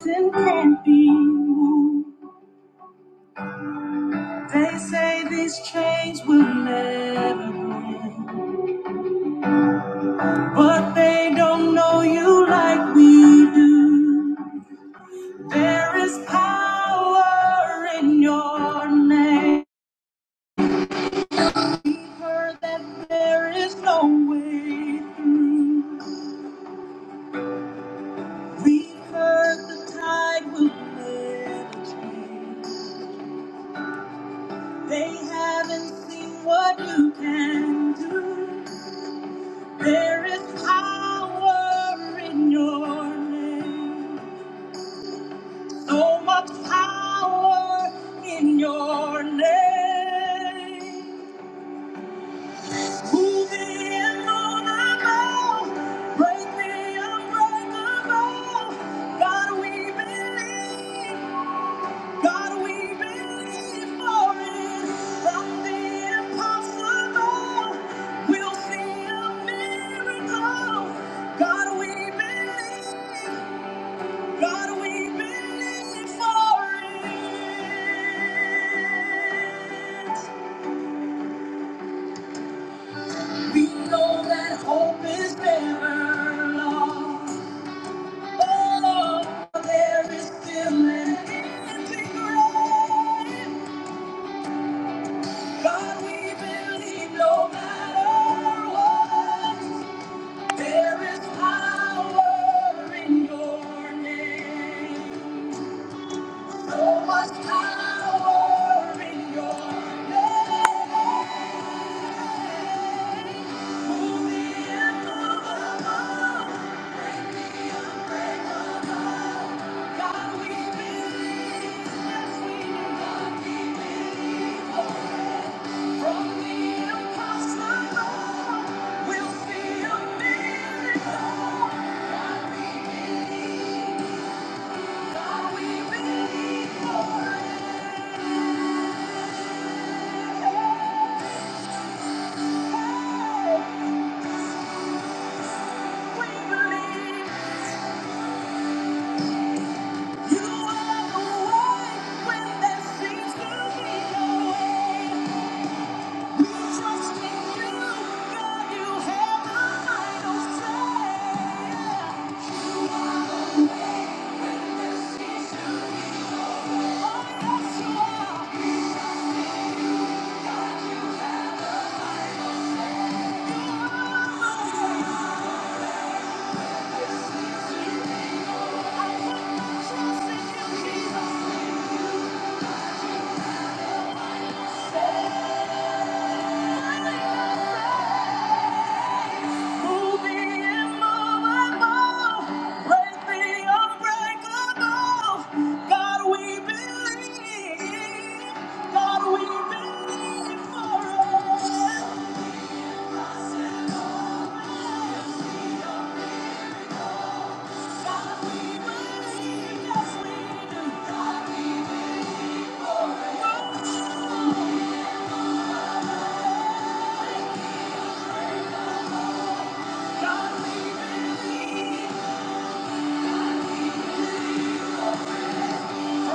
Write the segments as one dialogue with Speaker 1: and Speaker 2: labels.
Speaker 1: Still can't be moved. They say these chains will never break, but they don't know you like we do. There is power in your name. We've heard that there is no way through. We've heard the tide will never change. They haven't seen what you can do. There is power in your name. So much power in your name. Move the immovable, break the unbreakable. God, we believe. God, we believe for it. From the impossible, we'll see a miracle. God, we believe. God, we believe for it. We know that hope is never lost. Oh, there is still an empty grave. God, we believe no matter what, there is power in your name. So much power in your name. Move the immovable. God, we believe. You are the way when there seems to be no way. Thank you. God, we believe. Good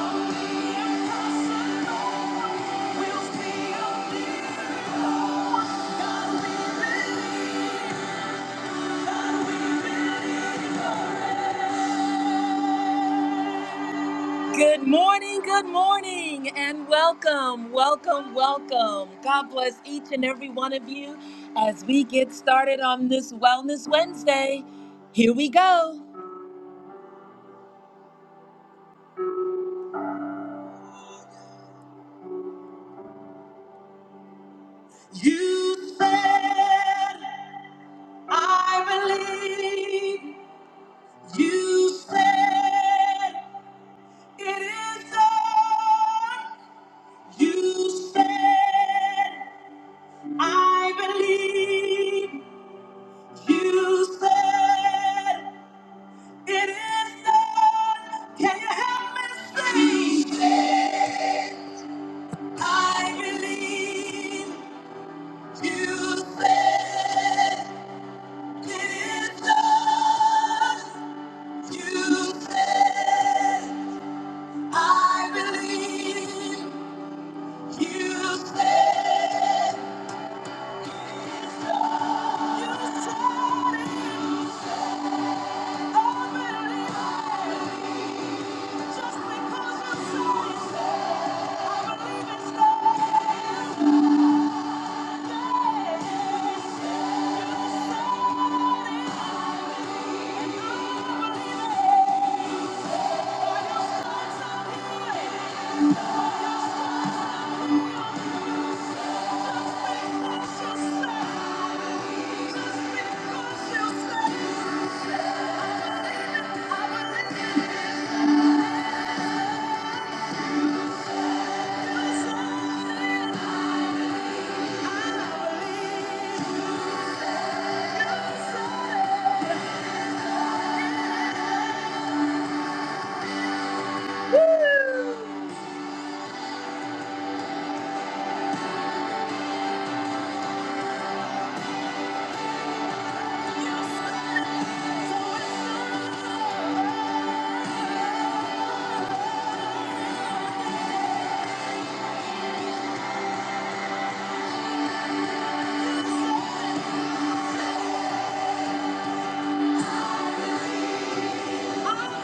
Speaker 1: morning, good morning, and welcome, welcome, welcome. God bless each and every one of you as we get started on this Wellness Wednesday. Here we go. You said, I believe. You said, it is done. You said, I believe. You said, it is done. Can you help me say? You said, I believe. You said, it is done. You said, I believe. You said, you said it. I believe. Woo! I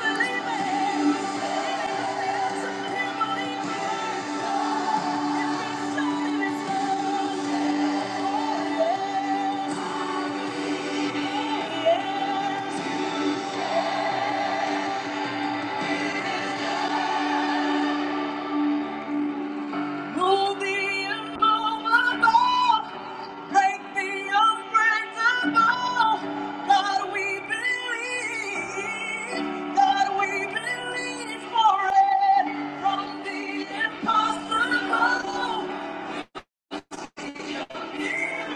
Speaker 1: believe it. Some people believe it. Move me immovable. Break me unbreakable. God, we believe. God, we believe for it. From the impossible, impossible. Yes,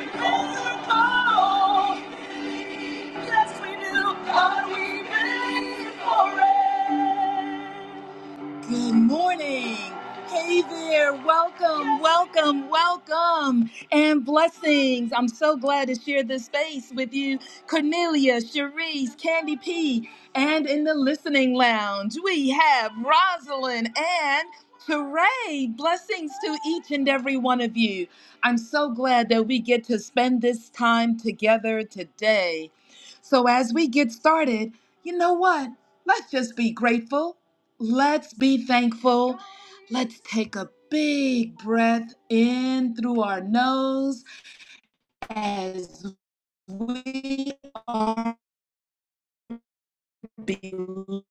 Speaker 1: we do. God, we believe for it. Good morning. Hey there. Welcome, welcome, welcome, and blessings. I'm so glad to share this space with you, Cornelia, Cherise, Candy P, and in the listening lounge, we have Rosalind and Hooray! Blessings to each and every one of you. I'm so glad that we get to spend this time together today. So, as we get started, you know what? Let's just be grateful Let's be thankful. Let's take a big breath in through our nose as we are believing.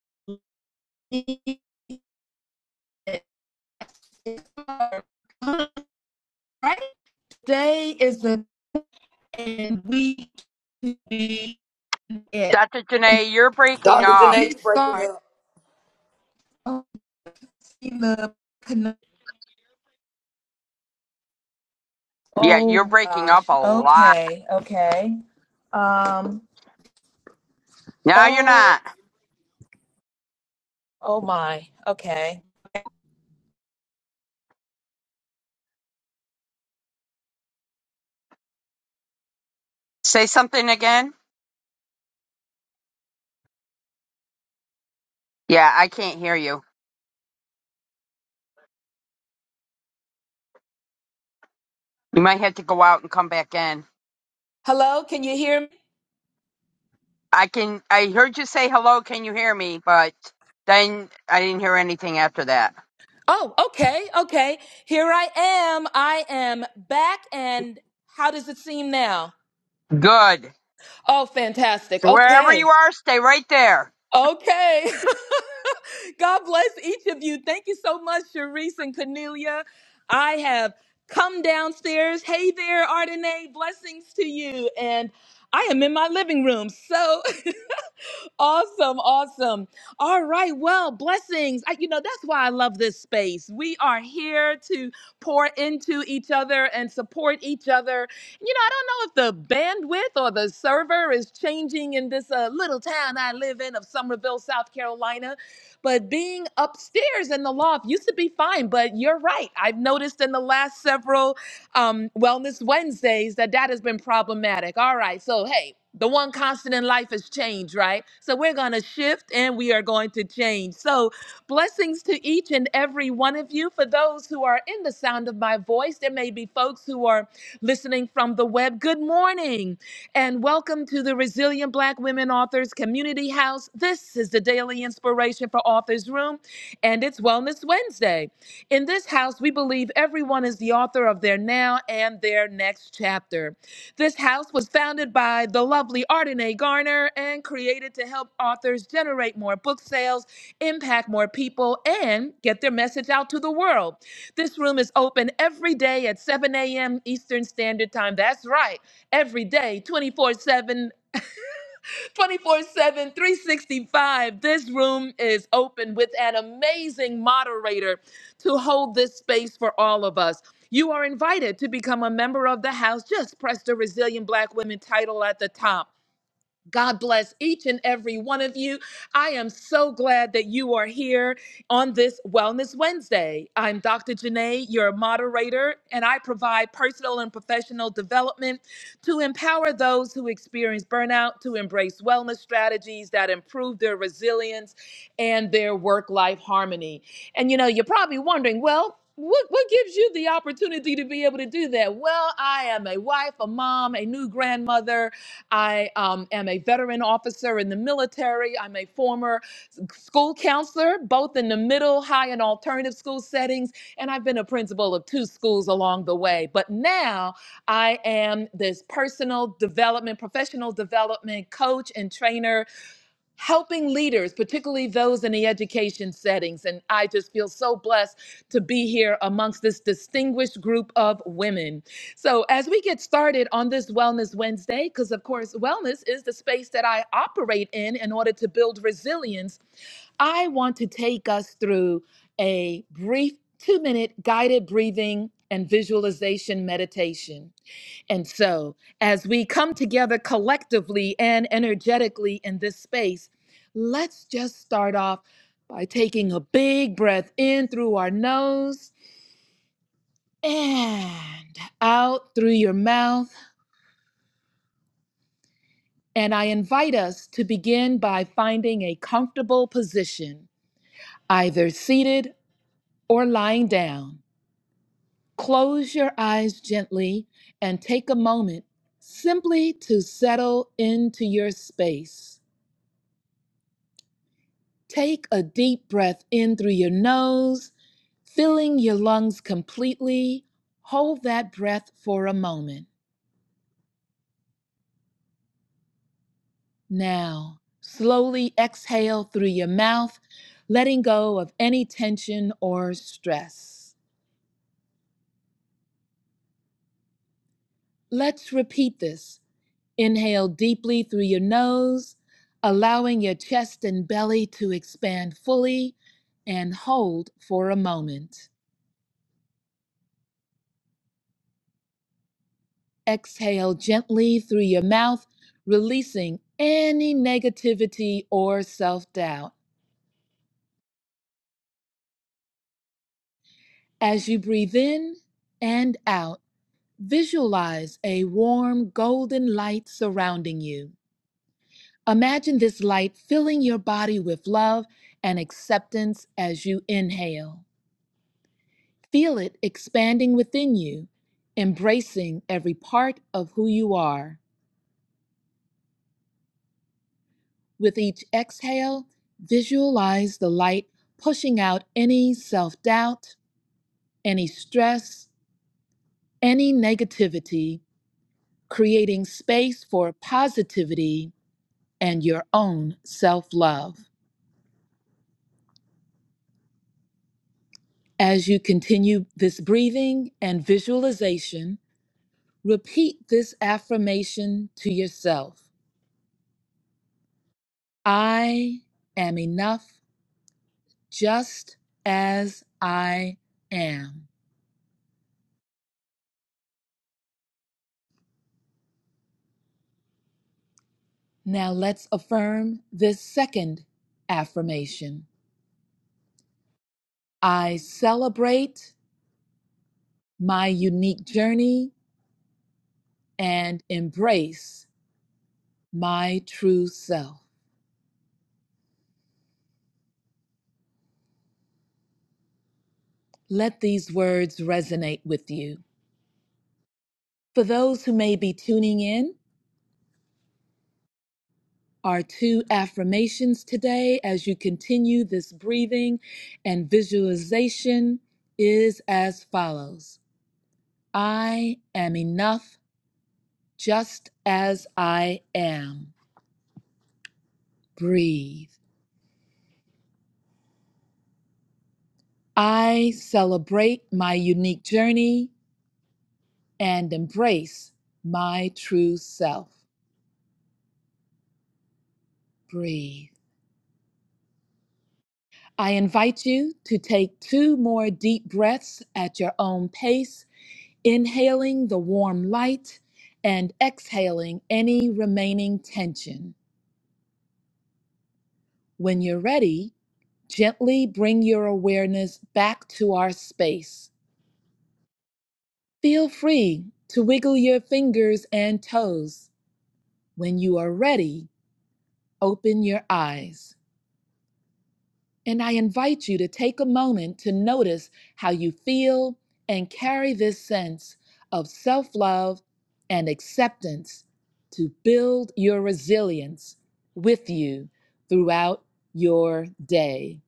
Speaker 1: it. Right today is the day and we can be it.
Speaker 2: Dr. Janae, you're breaking
Speaker 1: And
Speaker 3: Dr.
Speaker 2: up.
Speaker 1: we
Speaker 3: Janae, you breaking
Speaker 1: start
Speaker 3: up.
Speaker 1: on the connect.
Speaker 2: Yeah, you're
Speaker 1: Oh
Speaker 2: breaking up
Speaker 1: gosh.
Speaker 2: a lot.
Speaker 1: Okay. Okay. Um.
Speaker 2: No, you're
Speaker 1: Oh.
Speaker 2: not.
Speaker 1: Oh my. Okay.
Speaker 2: Say something again. Yeah, I can't hear you. You might have to go out and come back in.
Speaker 1: Hello, can you hear me?
Speaker 2: I can. I heard you say hello. Can you hear me? But then I didn't hear anything after that.
Speaker 1: Oh, okay, okay. Here I am. I am back. And how does it seem now?
Speaker 2: Good.
Speaker 1: Oh, fantastic.
Speaker 2: So wherever you
Speaker 1: Okay,
Speaker 2: are, stay right there.
Speaker 1: okay. God bless each of you. Thank you so much, Sharice and Cornelia. I have come downstairs. Hey there, Ardenae. Blessings to you. And I am in my living room. So awesome, awesome. All right, well, blessings. I, you know, that's why I love this space. We are here to pour into each other and support each other. You know, I don't know if the bandwidth or the server is changing in this uh, little town I live in of Somerville, South Carolina, but being upstairs in the loft used to be fine. But you're right. I've noticed in the last several um, Wellness Wednesdays that that has been problematic. All right, so hey, the one constant in life is change, right? So we're gonna shift and we are going to change. So Blessings to each and every one of you. For those who are in the sound of my voice, there may be folks who are listening from the web. Good morning and welcome to the Resilient Black Women Authors Community House. This is the daily inspiration for Authors Room, and it's Wellness Wednesday. In this house, we believe everyone is the author of their now and their next chapter. This house was founded by the lovely Ardenae Garner and created to help authors generate more book sales impact more people, and get their message out to the world. This room is open every day at 7 a.m. Eastern Standard Time. That's right, every day, 24 7, 24 7, 365. This room is open with an amazing moderator to hold this space for all of us. You are invited to become a member of the house. Just press the Resilient Black Women title at the top. God bless each and every one of you. I am so glad that you are here on this Wellness Wednesday. I'm Dr. Janae, your moderator, and I provide personal and professional development to empower those who experience burnout to embrace wellness strategies that improve their resilience and their work life harmony. And you know, you're probably wondering, well, what, what gives you the opportunity to be able to do that? Well, I am a wife, a mom, a new grandmother, I um, am a veteran officer in the military. I'm a former school counselor, both in the middle, high, and alternative school settings. And I've been a principal of two schools along the way. But now I am this personal development, professional development coach and trainer helping leaders, particularly those in the education settings. And I just feel so blessed to be here amongst this distinguished group of women. So, as we get started on this Wellness Wednesday, because of course, wellness is the space that I operate in in order to build resilience, I want to take us through a brief two minute guided breathing and visualization meditation. And so, as we come together collectively and energetically in this space, let's just start off by taking a big breath in through our nose and out through your mouth. And I invite us to begin by finding a comfortable position, either seated or lying down. Close your eyes gently and take a moment simply to settle into your space. Take a deep breath in through your nose, filling your lungs completely. Hold that breath for a moment. Now, slowly exhale through your mouth, letting go of any tension or stress. Let's repeat this. Inhale deeply through your nose, allowing your chest and belly to expand fully, and hold for a moment. Exhale gently through your mouth, releasing any negativity or self doubt. As you breathe in and out, visualize a warm golden light surrounding you. Imagine this light filling your body with love and acceptance as you inhale. Feel it expanding within you, embracing every part of who you are. With each exhale, visualize the light pushing out any self doubt, any stress, any negativity, creating space for positivity and your own self love. As you continue this breathing and visualization, repeat this affirmation to yourself I am enough just as I am. Now let's affirm this second affirmation. I celebrate my unique journey and embrace my true self. Let these words resonate with you. For those who may be tuning in, our two affirmations today as you continue this breathing and visualization is as follows I am enough just as I am. Breathe. I celebrate my unique journey and embrace my true self. Breathe. I invite you to take two more deep breaths at your own pace, inhaling the warm light and exhaling any remaining tension. When you're ready, gently bring your awareness back to our space. Feel free to wiggle your fingers and toes. When you are ready, Open your eyes, and I invite you to take a moment to notice how you feel and carry this sense of self love and acceptance to build your resilience with you throughout your day.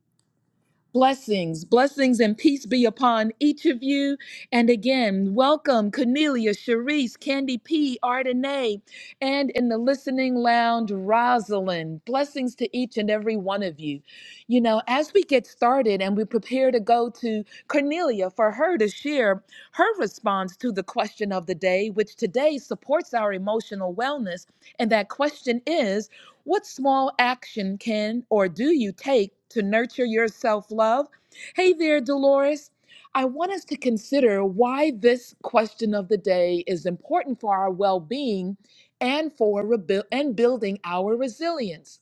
Speaker 1: Blessings, blessings, and peace be upon each of you. And again, welcome Cornelia, Sharice, Candy P, Ardenay, and in the listening lounge, Rosalind. Blessings to each and every one of you. You know, as we get started and we prepare to go to Cornelia for her to share her response to the question of the day, which today supports our emotional wellness. And that question is, what small action can or do you take to nurture your self love? Hey there, Dolores. I want us to consider why this question of the day is important for our well being and for rebu- and building our resilience.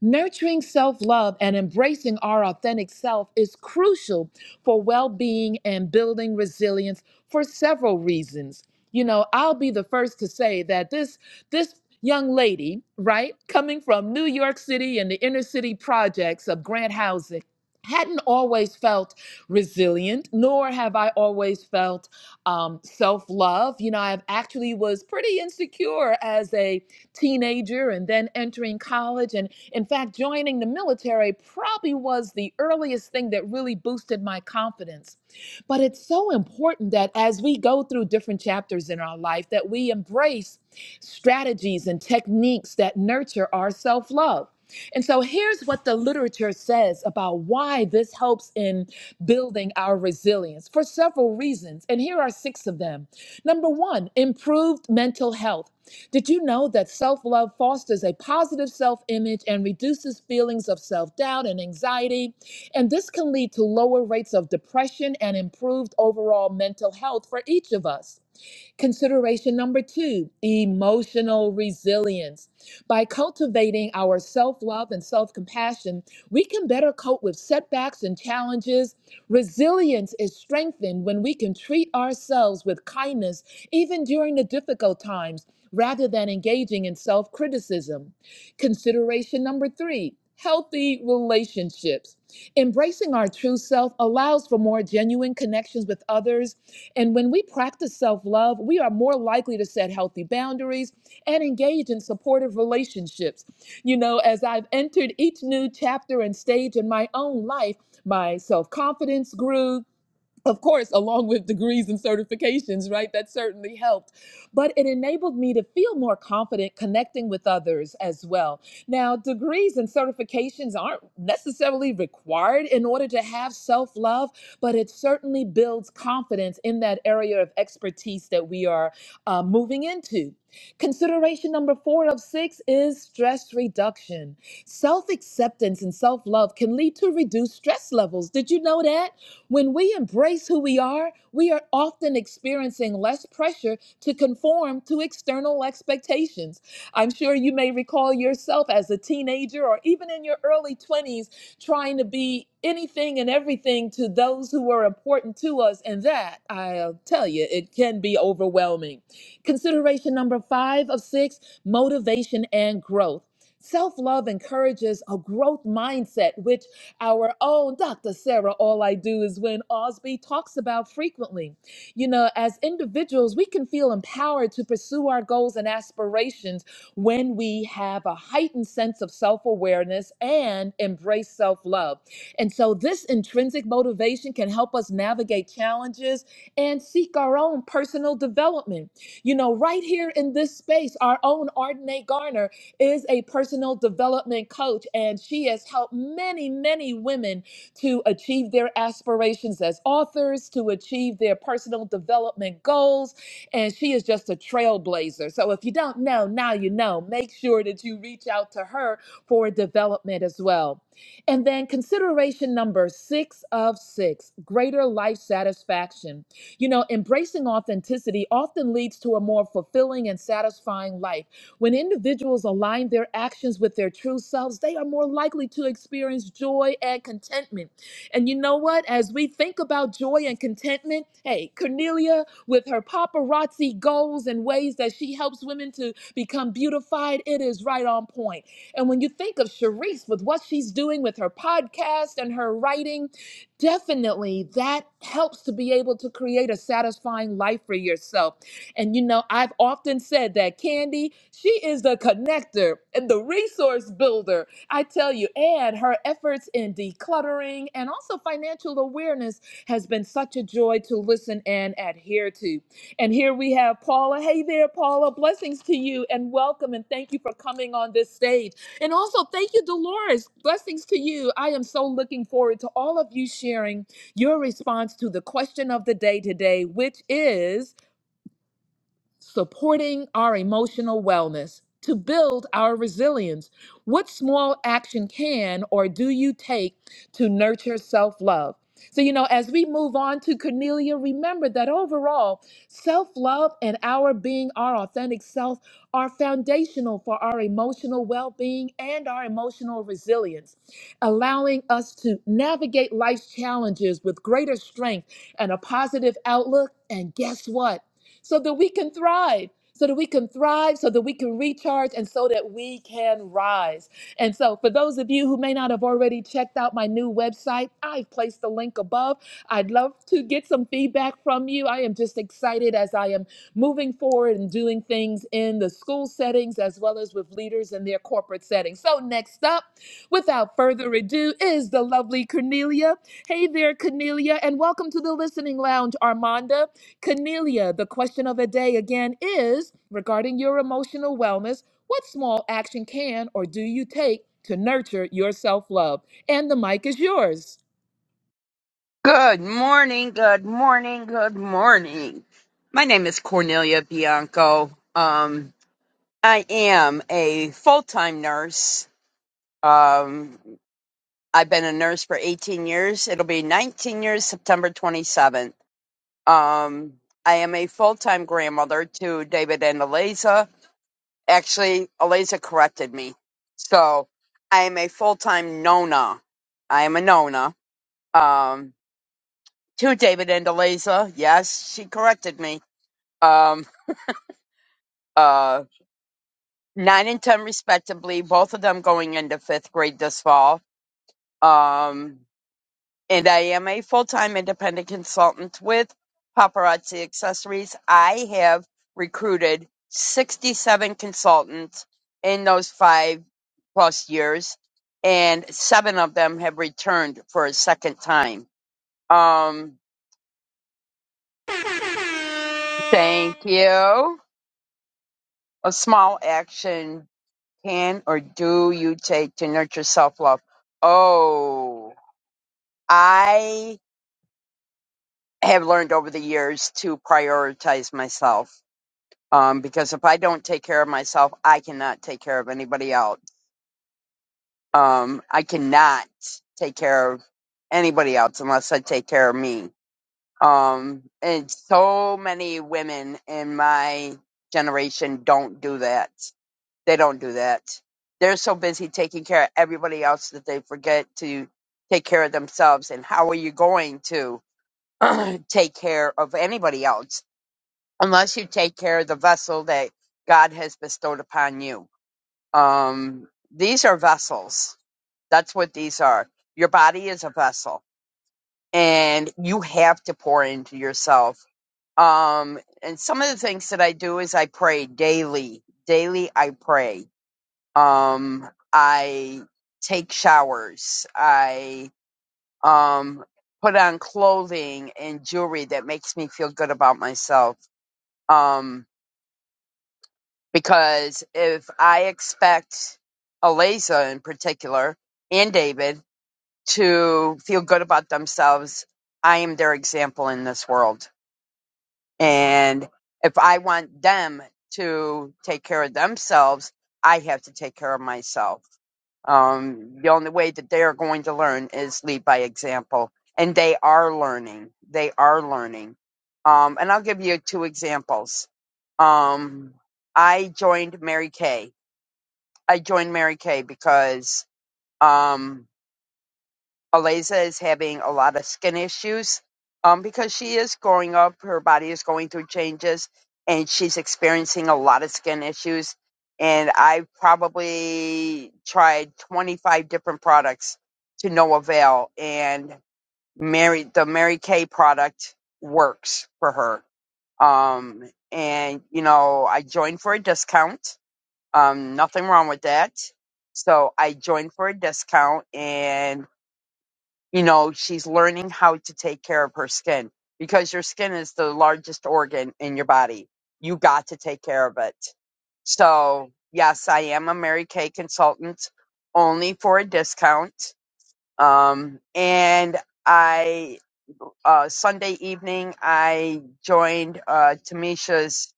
Speaker 1: Nurturing self love and embracing our authentic self is crucial for well being and building resilience for several reasons. You know, I'll be the first to say that this, this, Young lady, right, coming from New York City and the inner city projects of Grant Housing, hadn't always felt resilient, nor have I always felt um, self love. You know, I've actually was pretty insecure as a teenager and then entering college. And in fact, joining the military probably was the earliest thing that really boosted my confidence. But it's so important that as we go through different chapters in our life, that we embrace strategies and techniques that nurture our self love. And so here's what the literature says about why this helps in building our resilience for several reasons. And here are six of them. Number one, improved mental health. Did you know that self love fosters a positive self image and reduces feelings of self doubt and anxiety? And this can lead to lower rates of depression and improved overall mental health for each of us. Consideration number two emotional resilience. By cultivating our self love and self compassion, we can better cope with setbacks and challenges. Resilience is strengthened when we can treat ourselves with kindness, even during the difficult times, rather than engaging in self criticism. Consideration number three healthy relationships. Embracing our true self allows for more genuine connections with others and when we practice self love, we are more likely to set healthy boundaries and engage in supportive relationships. You know, as I've entered each new chapter and stage in my own life, my self confidence grew, of course, along with degrees and certifications, right? That certainly helped. But it enabled me to feel more confident connecting with others as well. Now, degrees and certifications aren't necessarily required in order to have self love, but it certainly builds confidence in that area of expertise that we are uh, moving into. Consideration number four of six is stress reduction. Self acceptance and self love can lead to reduced stress levels. Did you know that? When we embrace who we are, we are often experiencing less pressure to conform to external expectations. I'm sure you may recall yourself as a teenager or even in your early 20s trying to be anything and everything to those who are important to us. And that, I'll tell you, it can be overwhelming. Consideration number five of six motivation and growth. Self love encourages a growth mindset, which our own Dr. Sarah, all I do is win Osby talks about frequently. You know, as individuals, we can feel empowered to pursue our goals and aspirations when we have a heightened sense of self awareness and embrace self love. And so, this intrinsic motivation can help us navigate challenges and seek our own personal development. You know, right here in this space, our own Ardenae Garner is a personal development coach, and she has helped many, many women to achieve their aspirations as authors, to achieve their personal development goals, and she is just a trailblazer. So if you don't know, now you know. Make sure that you reach out to her for development as well. And then consideration number six of six greater life satisfaction. You know, embracing authenticity often leads to a more fulfilling and satisfying life when individuals align their actions with their true selves, they are more likely to experience joy and contentment. And you know what? As we think about joy and contentment, hey, Cornelia, with her paparazzi goals and ways that she helps women to become beautified, it is right on point. And when you think of Sharice with what she's doing with her podcast and her writing, definitely that helps to be able to create a satisfying life for yourself. And you know, I've often said that Candy, she is the connector and the resource builder. I tell you, and her efforts in decluttering and also financial awareness has been such a joy to listen and adhere to. And here we have Paula. Hey there, Paula. Blessings to you and welcome and thank you for coming on this stage. And also, thank you, Dolores. Blessings to you. I am so looking forward to all of you sharing your response to the question of the day today, which is supporting our emotional wellness to build our resilience. What small action can or do you take to nurture self love? So, you know, as we move on to Cornelia, remember that overall, self love and our being our authentic self are foundational for our emotional well being and our emotional resilience, allowing us to navigate life's challenges with greater strength and a positive outlook. And guess what? so that we can thrive, so that we can thrive, so that we can recharge, and so that we can rise. And so, for those of you who may not have already checked out my new website, I've placed the link above. I'd love to get some feedback from you. I am just excited as I am moving forward and doing things in the school settings as well as with leaders in their corporate settings. So, next up, without further ado, is the lovely Cornelia. Hey there, Cornelia, and welcome to the Listening Lounge, Armanda. Cornelia, the question of the day again is regarding your emotional wellness. What small action can or do you take to nurture your self love? And the mic is yours.
Speaker 2: Good morning. Good morning. Good morning. My name is Cornelia Bianco. Um, I am a full-time nurse. Um, I've been a nurse for 18 years. It'll be 19 years September 27th. Um, I am a full time grandmother to David and Eliza. Actually, Eliza corrected me. So I am a full time Nona. I am a Nona um, to David and Eliza. Yes, she corrected me. Um, uh, nine and 10, respectively, both of them going into fifth grade this fall. Um, and I am a full-time independent consultant with Paparazzi Accessories. I have recruited 67 consultants in those five plus years, and seven of them have returned for a second time. Um, thank you. A small action can or do you take to nurture self-love? Oh, I have learned over the years to prioritize myself um, because if I don't take care of myself, I cannot take care of anybody else. Um, I cannot take care of anybody else unless I take care of me. Um, and so many women in my generation don't do that. They don't do that. They're so busy taking care of everybody else that they forget to take care of themselves. And how are you going to take care of anybody else unless you take care of the vessel that God has bestowed upon you? Um, these are vessels. That's what these are. Your body is a vessel, and you have to pour into yourself. Um, and some of the things that I do is I pray daily. Daily, I pray. Um, I take showers. I um, put on clothing and jewelry that makes me feel good about myself. Um, because if I expect Aliza in particular, and David. to feel good about themselves, I am their example in this world. And if I want them to take care of themselves, I have to take care of myself. Um, the only way that they are going to learn is lead by example. And they are learning. They are learning. Um, and I'll give you two examples. Um, I joined Mary Kay. I joined Mary Kay because um, Aliza is having a lot of skin issues um, because she is growing up. Her body is going through changes and she's experiencing a lot of skin issues. And I've probably tried 25 different products to no avail. And Mary, the Mary Kay product works for her. Um, and, you know, I joined for a discount. Um, nothing wrong with that. So I joined for a discount and you know, she's learning how to take care of her skin because your skin is the largest organ in your body. You got to take care of it. So, yes, I am a Mary Kay consultant only for a discount. Um, and I, uh, Sunday evening, I joined uh, Tamisha's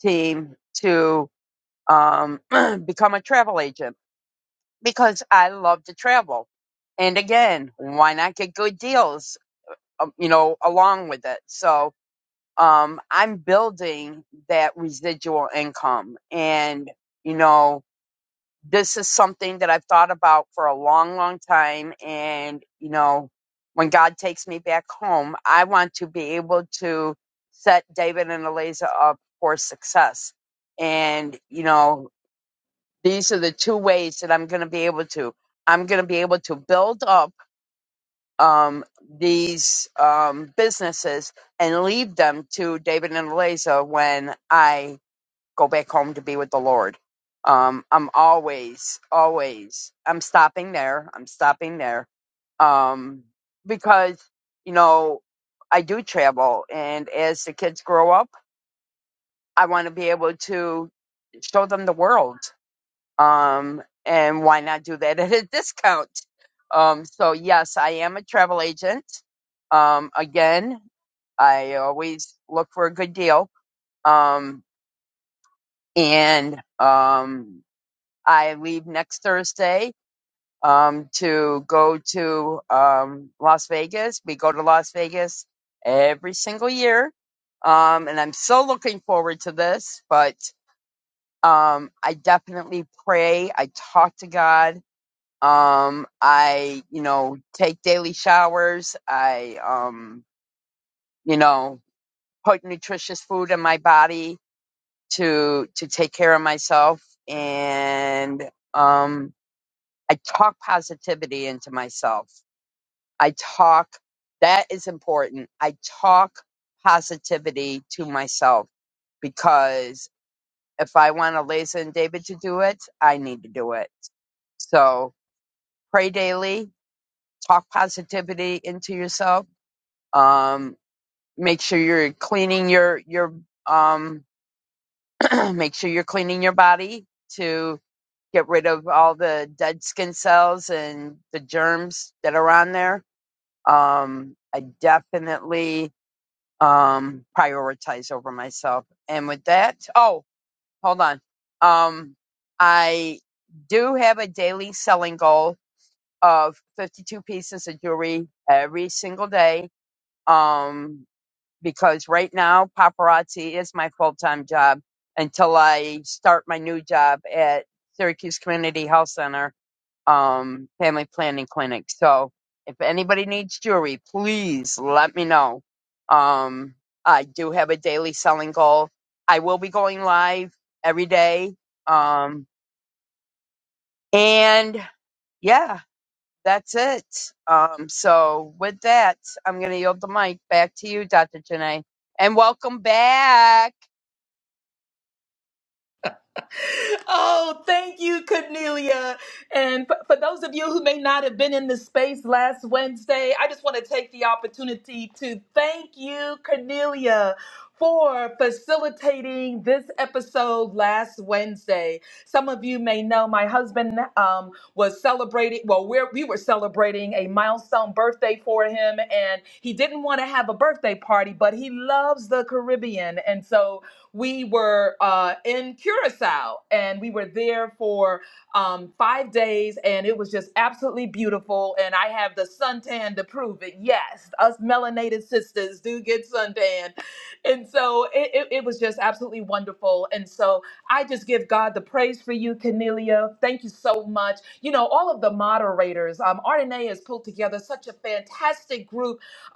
Speaker 2: team to um, become a travel agent because I love to travel. And again, why not get good deals? um, you know, along with it. So um, I'm building that residual income, and you know, this is something that I've thought about for a long, long time. And you know, when God takes me back home, I want to be able to set David and Eliza up for success. And you know, these are the two ways that I'm going to be able to. I'm going to be able to build up um, these um, businesses and leave them to David and Eliza when I go back home to be with the Lord. Um, I'm always, always, I'm stopping there. I'm stopping there um, because, you know, I do travel. And as the kids grow up, I want to be able to show them the world um, and why not do that at a discount? Um, so yes, I am a travel agent. Um, again, I always look for a good deal. Um, and um, I leave next Thursday um, to go to um, Las Vegas. We go to Las Vegas every single year. Um, and I'm so looking forward to this, but um, I definitely pray. I talk to God Um, I, you know, take daily showers. I, um, you know, put nutritious food in my body to, to take care of myself. And, um, I talk positivity into myself. I talk, that is important. I talk positivity to myself because if I want Eliza and David to do it, I need to do it. So pray daily, talk positivity into yourself um make sure you're cleaning your your um make sure you're cleaning your body to get rid of all the dead skin cells and the germs that are on there um i definitely um prioritize over myself and with that oh hold on um i do have a daily selling goal of 52 pieces of jewelry every single day um because right now paparazzi is my full-time job until I start my new job at Syracuse Community Health Center um family planning clinic. So if anybody needs jewelry, please let me know. Um I do have a daily selling goal. I will be going live every day. Um and yeah, that's it. Um, so with that, I'm going to yield the mic back to you, Dr. Janae, and welcome back.
Speaker 1: Oh, thank you, Cornelia. And f- for those of you who may not have been in the space last Wednesday, I just want to take the opportunity to thank you, Cornelia, for facilitating this episode last Wednesday. Some of you may know my husband um, was celebrating, well, we're, we were celebrating a milestone birthday for him, and he didn't want to have a birthday party, but he loves the Caribbean. And so we were uh, in Curacao and we were there for um, five days and it was just absolutely beautiful. And I have the suntan to prove it. Yes, us melanated sisters do get suntan. And so it, it, it was just absolutely wonderful. And so I just give God the praise for you, Cornelia. Thank you so much. You know, all of the moderators, um, RNA has pulled together such a fantastic group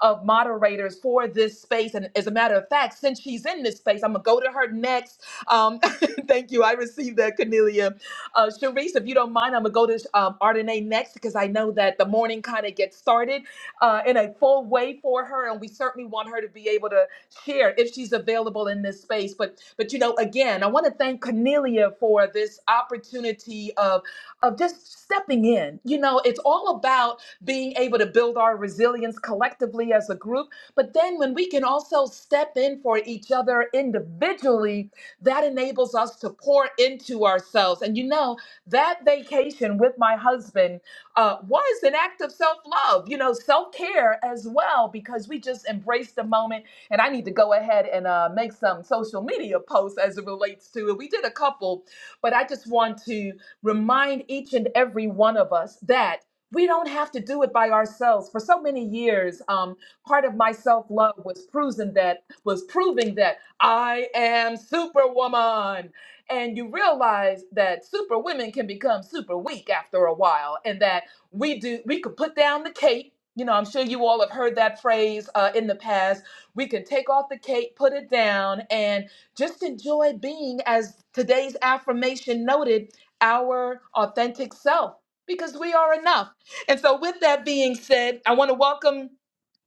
Speaker 1: of moderators for this space. And as a matter of fact, since she's in this space, I'm going to go to her next. Um, thank you. I received that, Cornelia. Uh, Sharice, if you don't mind, I'm going to go to um, Ardenae next because I know that the morning kind of gets started uh, in a full way for her. And we certainly want her to be able to share if she's available in this space. But but you know, again, I want to thank Cornelia for this opportunity of of just stepping in. You know, it's all about being able to build our resilience collectively as a group. But then when we can also step in for each other individually, that enables us to pour into ourselves. And you know, that vacation with my husband uh, was an act of self love, you know, self care as well, because we just embraced the moment. And I need to go ahead and uh, make some social media posts as it relates to it. We did a couple, but I just want to remind each and every one of us that we don't have to do it by ourselves. For so many years, um, part of my self-love was proving that was proving that I am superwoman. And you realize that superwomen can become super weak after a while, and that we do we could put down the cape. You know, I'm sure you all have heard that phrase uh, in the past. We can take off the cape, put it down, and just enjoy being, as today's affirmation noted, our authentic self because we are enough and so, with that being said, I want to welcome.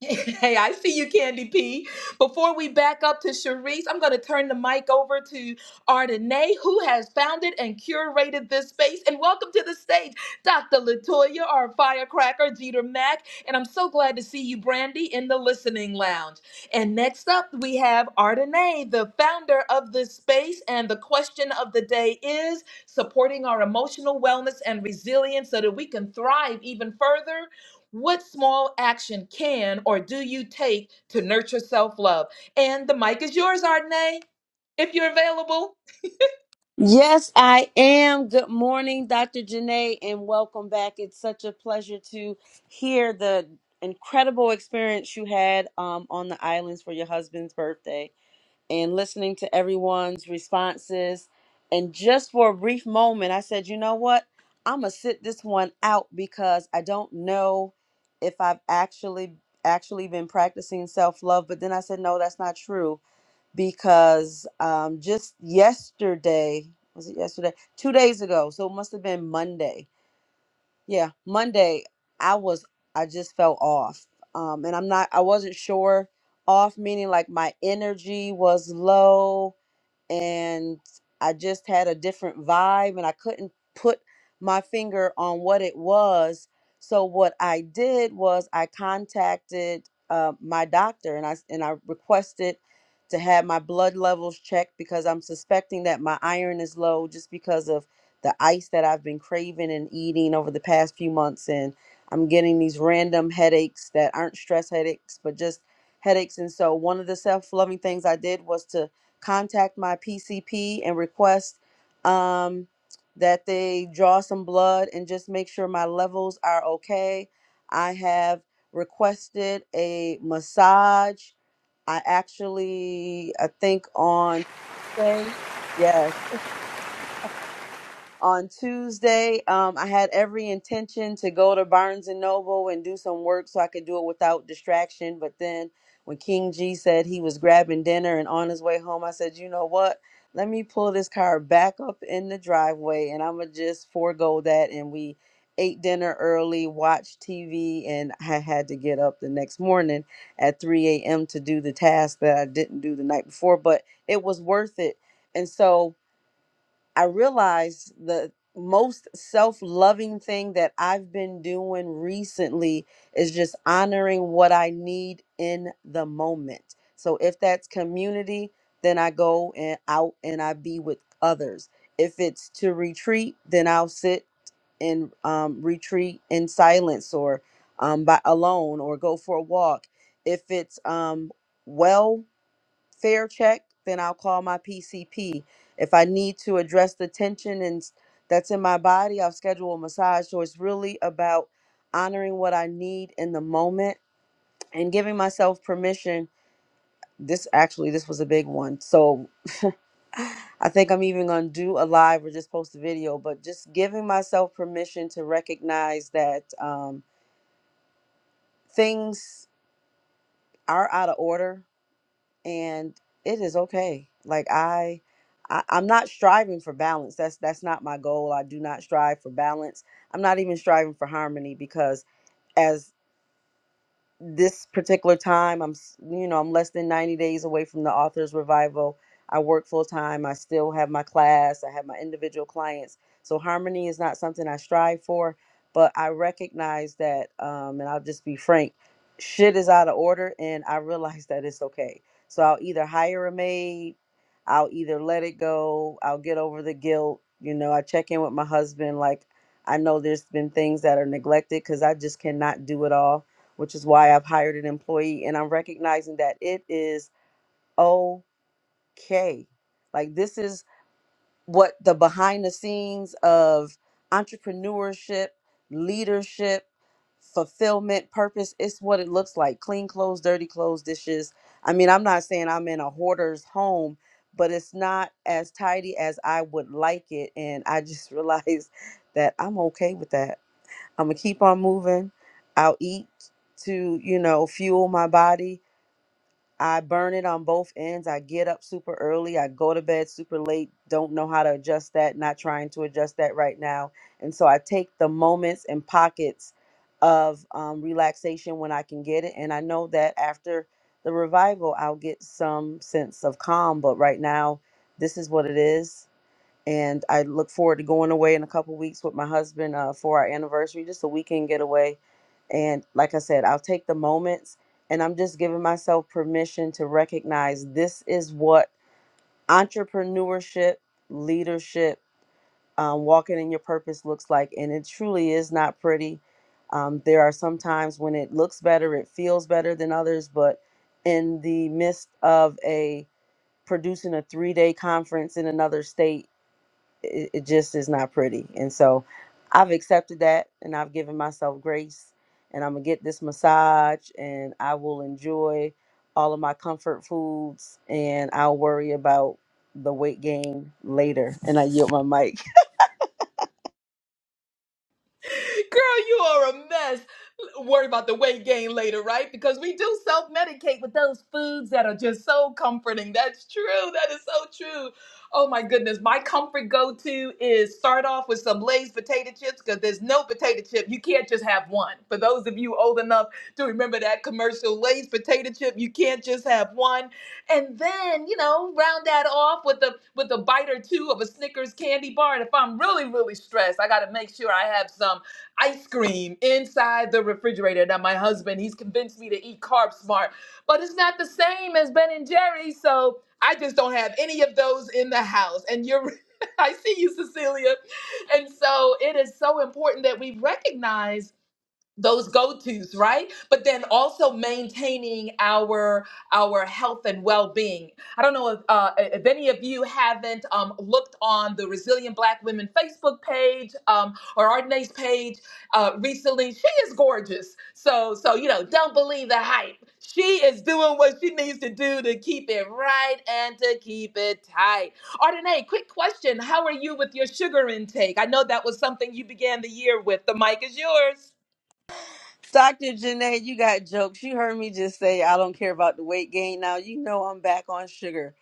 Speaker 1: Hey, I see you, Candy P. Before we back up to Sharice, I'm going to turn the mic over to Ardenae, who has founded and curated this space. And welcome to the stage, Dr. Latoya, our firecracker, Jeter Mack. And I'm so glad to see you, Brandy, in the listening lounge. And next up, we have Ardenae, the founder of this space. And the question of the day is supporting our emotional wellness and resilience so that we can thrive even further what small action can or do you take to nurture self love? And the mic is yours, Ardenae, if you're available.
Speaker 4: Yes, I am. Good morning, Dr. Janae, and welcome back. It's such a pleasure to hear the incredible experience you had um, on the islands for your husband's birthday and listening to everyone's responses. And just for a brief moment, I said, you know what? I'm going to sit this one out because I don't know if I've actually actually been practicing self-love but then I said no that's not true because um, just yesterday was it yesterday two days ago so it must have been monday yeah monday i was i just felt off um, and i'm not i wasn't sure off meaning like my energy was low and I just had a different vibe and I couldn't put my finger on what it was. So what I did was I contacted uh, my doctor and I s- and I requested to have my blood levels checked because I'm suspecting that my iron is low just because of the ice that I've been craving and eating over the past few months and I'm getting these random headaches that aren't stress headaches but just headaches and so one of the self-loving things I did was to contact my PCP and request um, that they draw some blood and just make sure my levels are okay. I have requested a massage. I actually, I think on Tuesday, yes, on Tuesday. Um, I had every intention to go to Barnes and Noble and do some work so I could do it without distraction. But then when King G said he was grabbing dinner and on his way home, I said, you know what? Let me pull this car back up in the driveway and I'm going to just forego that. And we ate dinner early, watched TV, and I had to get up the next morning at 3 a.m. to do the task that I didn't do the night before. But it was worth it. And so I realized the most self loving thing that I've been doing recently is just honoring what I need in the moment. So if that's community, then I go and out and I be with others. If it's to retreat, then I'll sit and um, retreat in silence or um, by alone or go for a walk. If it's um, well, fair check, then I'll call my PCP. If I need to address the tension and s- that's in my body, I'll schedule a massage. So it's really about honoring what I need in the moment and giving myself permission. This actually, this was a big one. So I think I'm even going to do a live or just post a video, but just giving myself permission to recognize that um, things are out of order and it is okay like I, I i'm not striving for balance that's that's not my goal i do not strive for balance i'm not even striving for harmony because as this particular time i'm s- you know i'm less than 90 days away from the author's revival i work full time i still have my class i have my individual clients so harmony is not something i strive for but i recognize that um, and i'll just be frank shit is out of order and i realize that it's okay so i'll either hire a maid i'll either let it go i'll get over the guilt you know i check in with my husband like i know there's been things that are neglected because i just cannot do it all which is why I've hired an employee and I'm recognizing that it is okay. Like this is what the behind the scenes of entrepreneurship, leadership, fulfillment, purpose, it's what it looks like. Clean clothes, dirty clothes, dishes. I mean, I'm not saying I'm in a hoarder's home, but it's not as tidy as I would like it and I just realized that I'm okay with that. I'm gonna keep on moving. I'll eat to, you know, fuel my body. I burn it on both ends. I get up super early. I go to bed super late. Don't know how to adjust that. Not trying to adjust that right now. And so I take the moments and pockets of um, relaxation when I can get it. And I know that after the revival, I'll get some sense of calm. But right now, this is what it is and I look forward to going away in a couple weeks with my husband uh, for our anniversary, just a weekend getaway. And like I said, I'll take the moments, and I'm just giving myself permission to recognize this is what entrepreneurship, leadership, um, walking in your purpose looks like, and it truly is not pretty. Um, there are some times when it looks better, it feels better than others, but in the midst of a producing a three day conference in another state it, it just is not pretty. And so I've accepted that and I've given myself grace and I'm gonna get this massage and I will enjoy all of my comfort foods and I'll worry about the weight gain later and I yield my mic.
Speaker 1: Girl, you are a mess. Worry about the weight gain later, right? Because we do self medicate with those foods that are just so comforting. That's true. That is so true. Oh my goodness. My comfort go to is start off with some Lay's potato chips because there's no potato chip. You can't just have one. For those of you old enough to remember that commercial, Lay's potato chip, you can't just have one. And then, you know, round that off with a with a bite or two of a Snickers candy bar. And if I'm really, really stressed, I gotta make sure I have some ice cream inside the refrigerator. Now, my husband, he's convinced me to eat Carb Smart, but it's not the same as Ben and Jerry's. So I just don't have any of those in the house. And you're, I see you, Cecilia. And so it is so important that we recognize those go-tos right but then also maintaining our our health and well-being i don't know if, uh, if any of you haven't um, looked on the resilient black women facebook page um, or ardenae's page uh, recently she is gorgeous so so you know don't believe the hype she is doing what she needs to do to keep it right and to keep it tight ardenae quick question how are you with your sugar intake i know that was something you began the year with the mic is yours
Speaker 4: Dr. Janae, you got jokes. You heard me just say I don't care about the weight gain now. You know I'm back on sugar.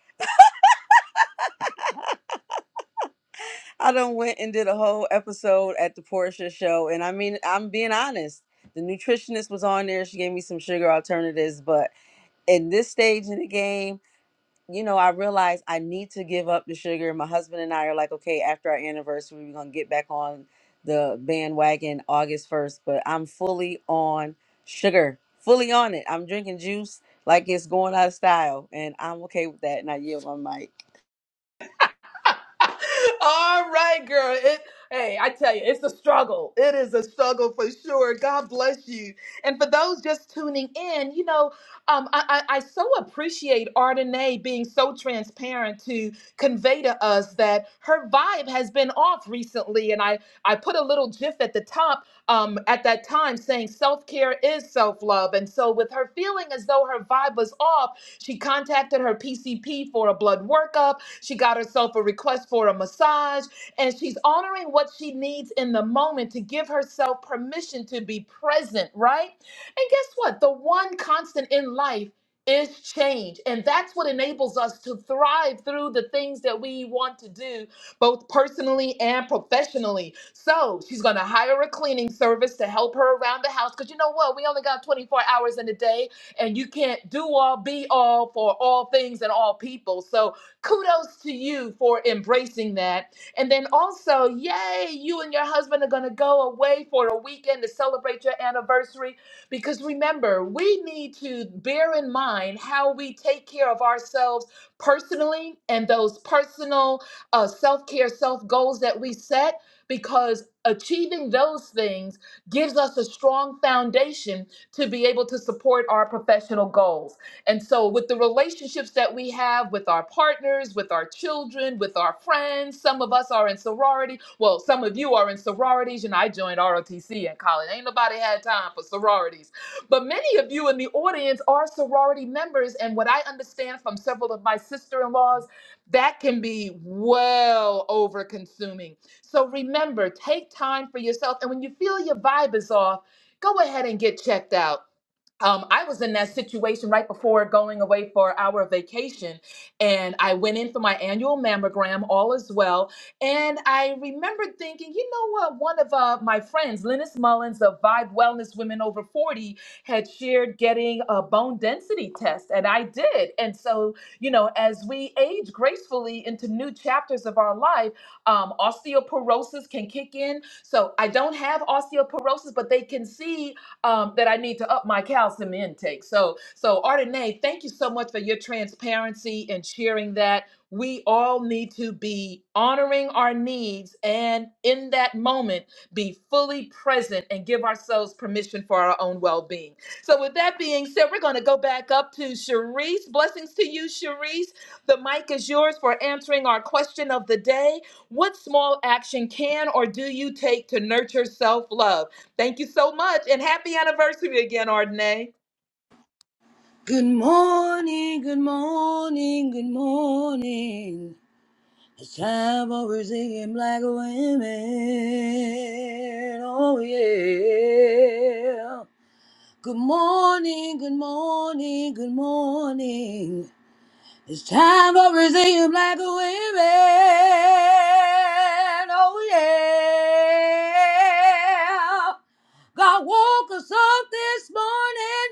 Speaker 4: I done went and did a whole episode at the Portia show and I mean I'm being honest. The nutritionist was on there. She gave me some sugar alternatives, but in this stage in the game, you know, I realized I need to give up the sugar. My husband and I are like, okay, after our anniversary, we're gonna get back on the bandwagon August first. But I'm fully on sugar, fully on it. I'm drinking juice like it's going out of style, and I'm okay with that. And I yield my mic.
Speaker 1: All right, girl. It hey, I tell you, it's a struggle. It is a struggle for sure. God bless you. And for those just tuning in, you know, um, I, I, I so appreciate Ardenae being so transparent to convey to us that her vibe has been off recently. And I I put a little gif at the top um at that time saying self-care is self-love. And so with her feeling as though her vibe was off, she contacted her PCP for a blood workup she got herself a request for a massage, and she's honoring what she needs in the moment to give herself permission to be present, right? And guess what? The one constant in life is change. And that's what enables us to thrive through the things that we want to do, both personally and professionally. So she's going to hire a cleaning service to help her around the house. Because you know what? We only got 24 hours in a day, and you can't do all, be all for all things and all people. So Kudos to you for embracing that. And then also, yay, you and your husband are going to go away for a weekend to celebrate your anniversary. Because remember, we need to bear in mind how we take care of ourselves personally and those personal uh, self care, self goals that we set, because achieving those things gives us a strong foundation to be able to support our professional goals. And so, with the relationships that we have with our partners, with our children, with our friends, some of us are in sorority. Well, some of you are in sororities. You know, I joined ROTC in college. Ain't nobody had time for sororities. But many of you in the audience are sorority members. And what I understand from several of my sister in laws, that can be well over consuming. So, remember, take time for yourself. And when you feel your vibe is off, go ahead and get checked out um, I was in that situation right before going away for our vacation, and I went in for my annual mammogram, all is well. And I remembered thinking, you know what? One of uh, my friends, Linus Mullins of Vibe Wellness Women Over 40, had shared getting a bone density test, and I did. And so, you know, as we age gracefully into new chapters of our life, um, osteoporosis can kick in. So I don't have osteoporosis, but they can see um, that I need to up my calcium intake. So, so Ardenae, thank you so much for your transparency and sharing that. We all need to be honoring our needs and in that moment be fully present and give ourselves permission for our own well being. So, with that being said, we're going to go back up to Cherise. Blessings to you, Cherise. The mic is yours for answering our question of the day. What small action can or do you take to nurture self love? Thank you so much. And happy anniversary again, Ardenae.
Speaker 3: Good morning, good morning, good morning. It's time for Brazilian black women. Oh, yeah. Good morning, good morning, good morning. It's time for Brazilian black women. Oh, yeah. God woke us up this morning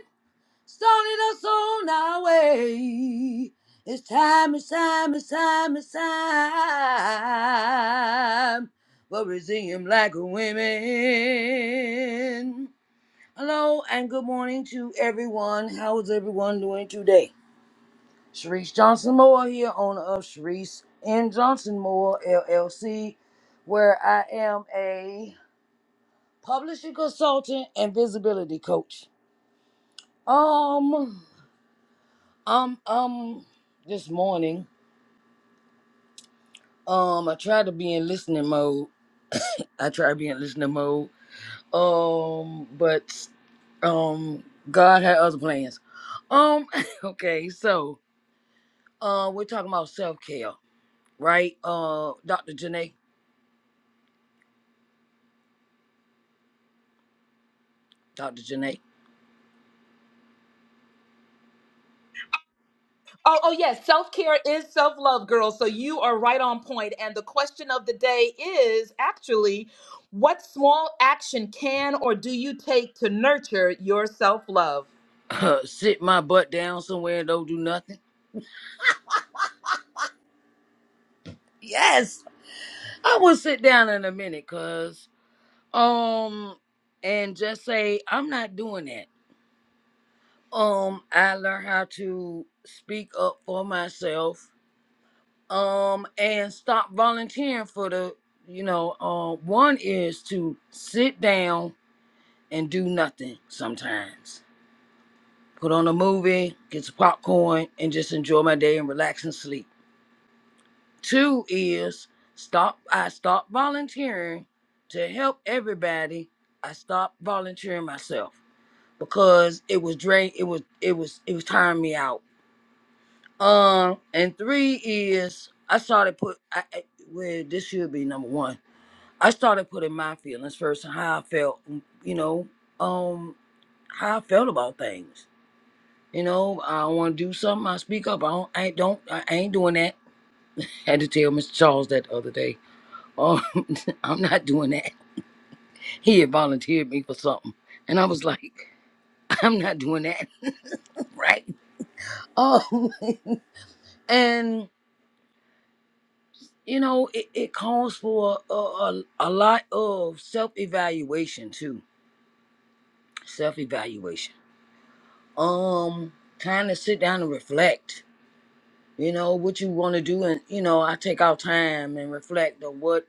Speaker 3: started us on our way. It's time, it's time, it's time, it's time for Brazilian black women. Hello and good morning to everyone. How is everyone doing today? Sharice Johnson Moore here, owner of Sharice and Johnson Moore LLC, where I am a publishing consultant and visibility coach. Um, Um, um, this morning, um, I tried to be in listening mode. I tried to be in listening mode. Um, but um, God had other plans. Um, okay, so uh, we're talking about self care, right? Uh, Doctor Janae, Doctor Janae,
Speaker 1: Oh, oh yes, self-care is self-love, girls. So you are right on point. And the question of the day is actually what small action can or do you take to nurture your self-love?
Speaker 3: sit my butt down somewhere and don't do nothing. Yes, I will sit down in a minute, cause um, and just say I'm not doing that Um, I learned how to speak up for myself. Um, and stop volunteering for the, you know, uh, one is to sit down and do nothing sometimes. Put on a movie, get some popcorn, and just enjoy my day and relax and sleep. Two is stop. I stop volunteering to help everybody. I stopped volunteering myself because it was drain. It was it was it was tiring me out Um, and three is I started put I, I- well this should be number one. I started putting my feelings first and how I felt, mm, you know, um, how I felt about things. You know, I want to do something. I speak up. I don't. I ain't- don't. I ain't doing that. Had to tell Mr. Charles that the other day. Um, I'm not doing that. He had volunteered me for something, and I was like, I'm not doing that, right? Oh, and. you know, it, it calls for a, a, a lot of self evaluation too. Self evaluation. Um, kind of sit down and reflect. You know what you want to do, and you know I take out time and reflect on what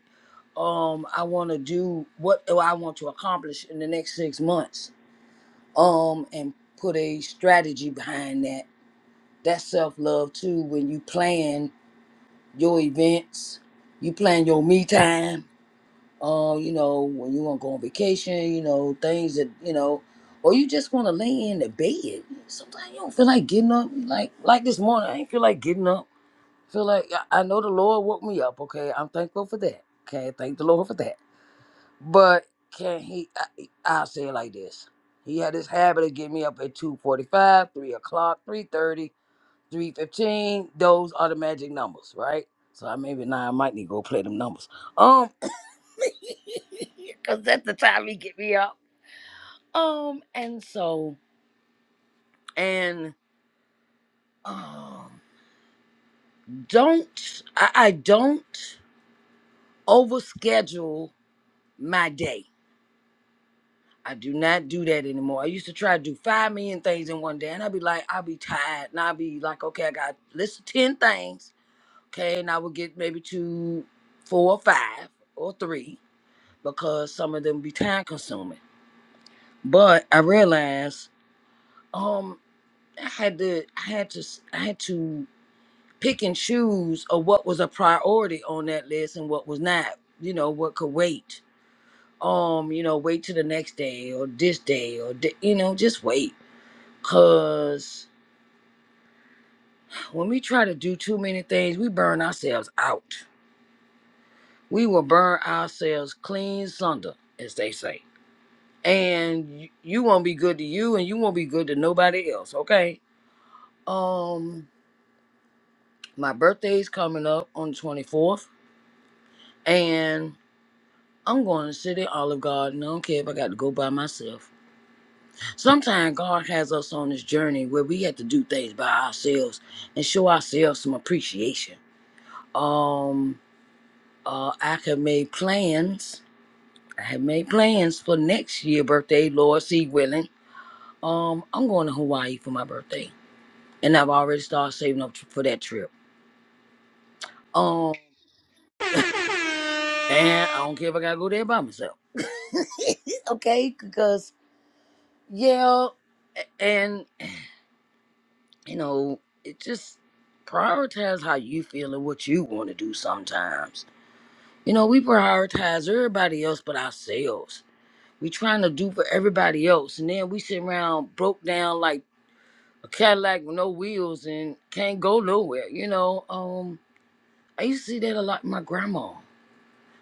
Speaker 3: um I want to do, what do I want to accomplish in the next six months. Um, and put a strategy behind that. That's self love too. When you plan your events, you plan your me time uh, you know, when you want to go on vacation, you know, things that, you know, or you just want to lay in the bed. Sometimes you don't feel like getting up. Like like this morning, I ain't feel like getting up. Feel like I I know the Lord woke me up. Okay, I'm thankful for that. Okay, thank the Lord for that. But can He? I, I'll say it like this. He had this habit of getting me up at 2.45, 3 o'clock, three thirty, three fifteen. Those are the magic numbers, right? So I maybe now I might need to go play them numbers. Um. Cause that's the time he get me up. Um, and so and um don't I, I don't overschedule my day. I do not do that anymore. I used to try to do five million things in one day, and I'd be like, i would be tired, and i would be like, okay, I got list of ten things, okay, and I would get maybe two, four, or five, or three, because some of them be time consuming. But I realized. um, I had to I had to s- I had to pick and choose of what was a priority on that list and what was not. You know what could wait. Um, you know, wait till the next day or this day or di- you know just wait. Cause when we try to do too many things, we burn ourselves out. We will burn ourselves clean sunder, as they say. And y- you won't be good to you, and you won't be good to nobody else. Okay. Um, my birthday's coming up on the twenty fourth and I'm going to sit City Olive Garden. I don't care if I got to go by myself. Sometimes God has us on this journey where we have to do things by ourselves and show ourselves some appreciation. Um, uh, I have made plans. I have made plans for next year birthday, Lord C willing. Um, I'm going to Hawaii for my birthday, and I've already started saving up for that trip. Um, and I don't care if I gotta go there by myself. okay, because yeah, and you know, it just prioritize how you feel and what you want to do sometimes. You know, we prioritize everybody else but ourselves. We trying to do for everybody else, and then we sit around broke down like a Cadillac with no wheels and can't go nowhere. You know, um, I used to see that a lot. With my grandma,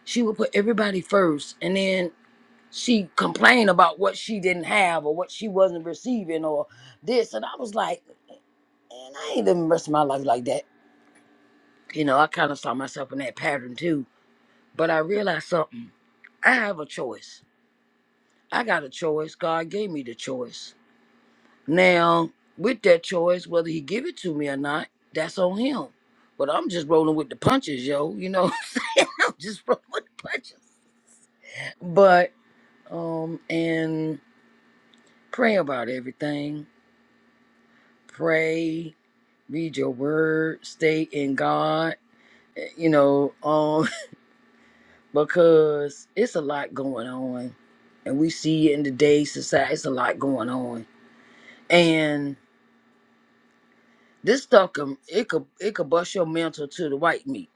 Speaker 3: she would put everybody first, and then she complained about what she didn't have or what she wasn't receiving or this, and I was like, man, I ain't living the rest of my life like that You know, I kind of saw myself in that pattern too. But I realized something. I have a choice. I got a choice. God gave me the choice. Now, with that choice, whether he give it to me or not, that's on him. But I'm just rolling with the punches, yo. You know what I'm saying? I'm just rolling with the punches. But um and pray about everything. Pray, read your word, stay in God. eh, You know, um. because it's a lot going on and we see it in today's society it's a lot going on and this stuff can it could it could bust your mental to the white meat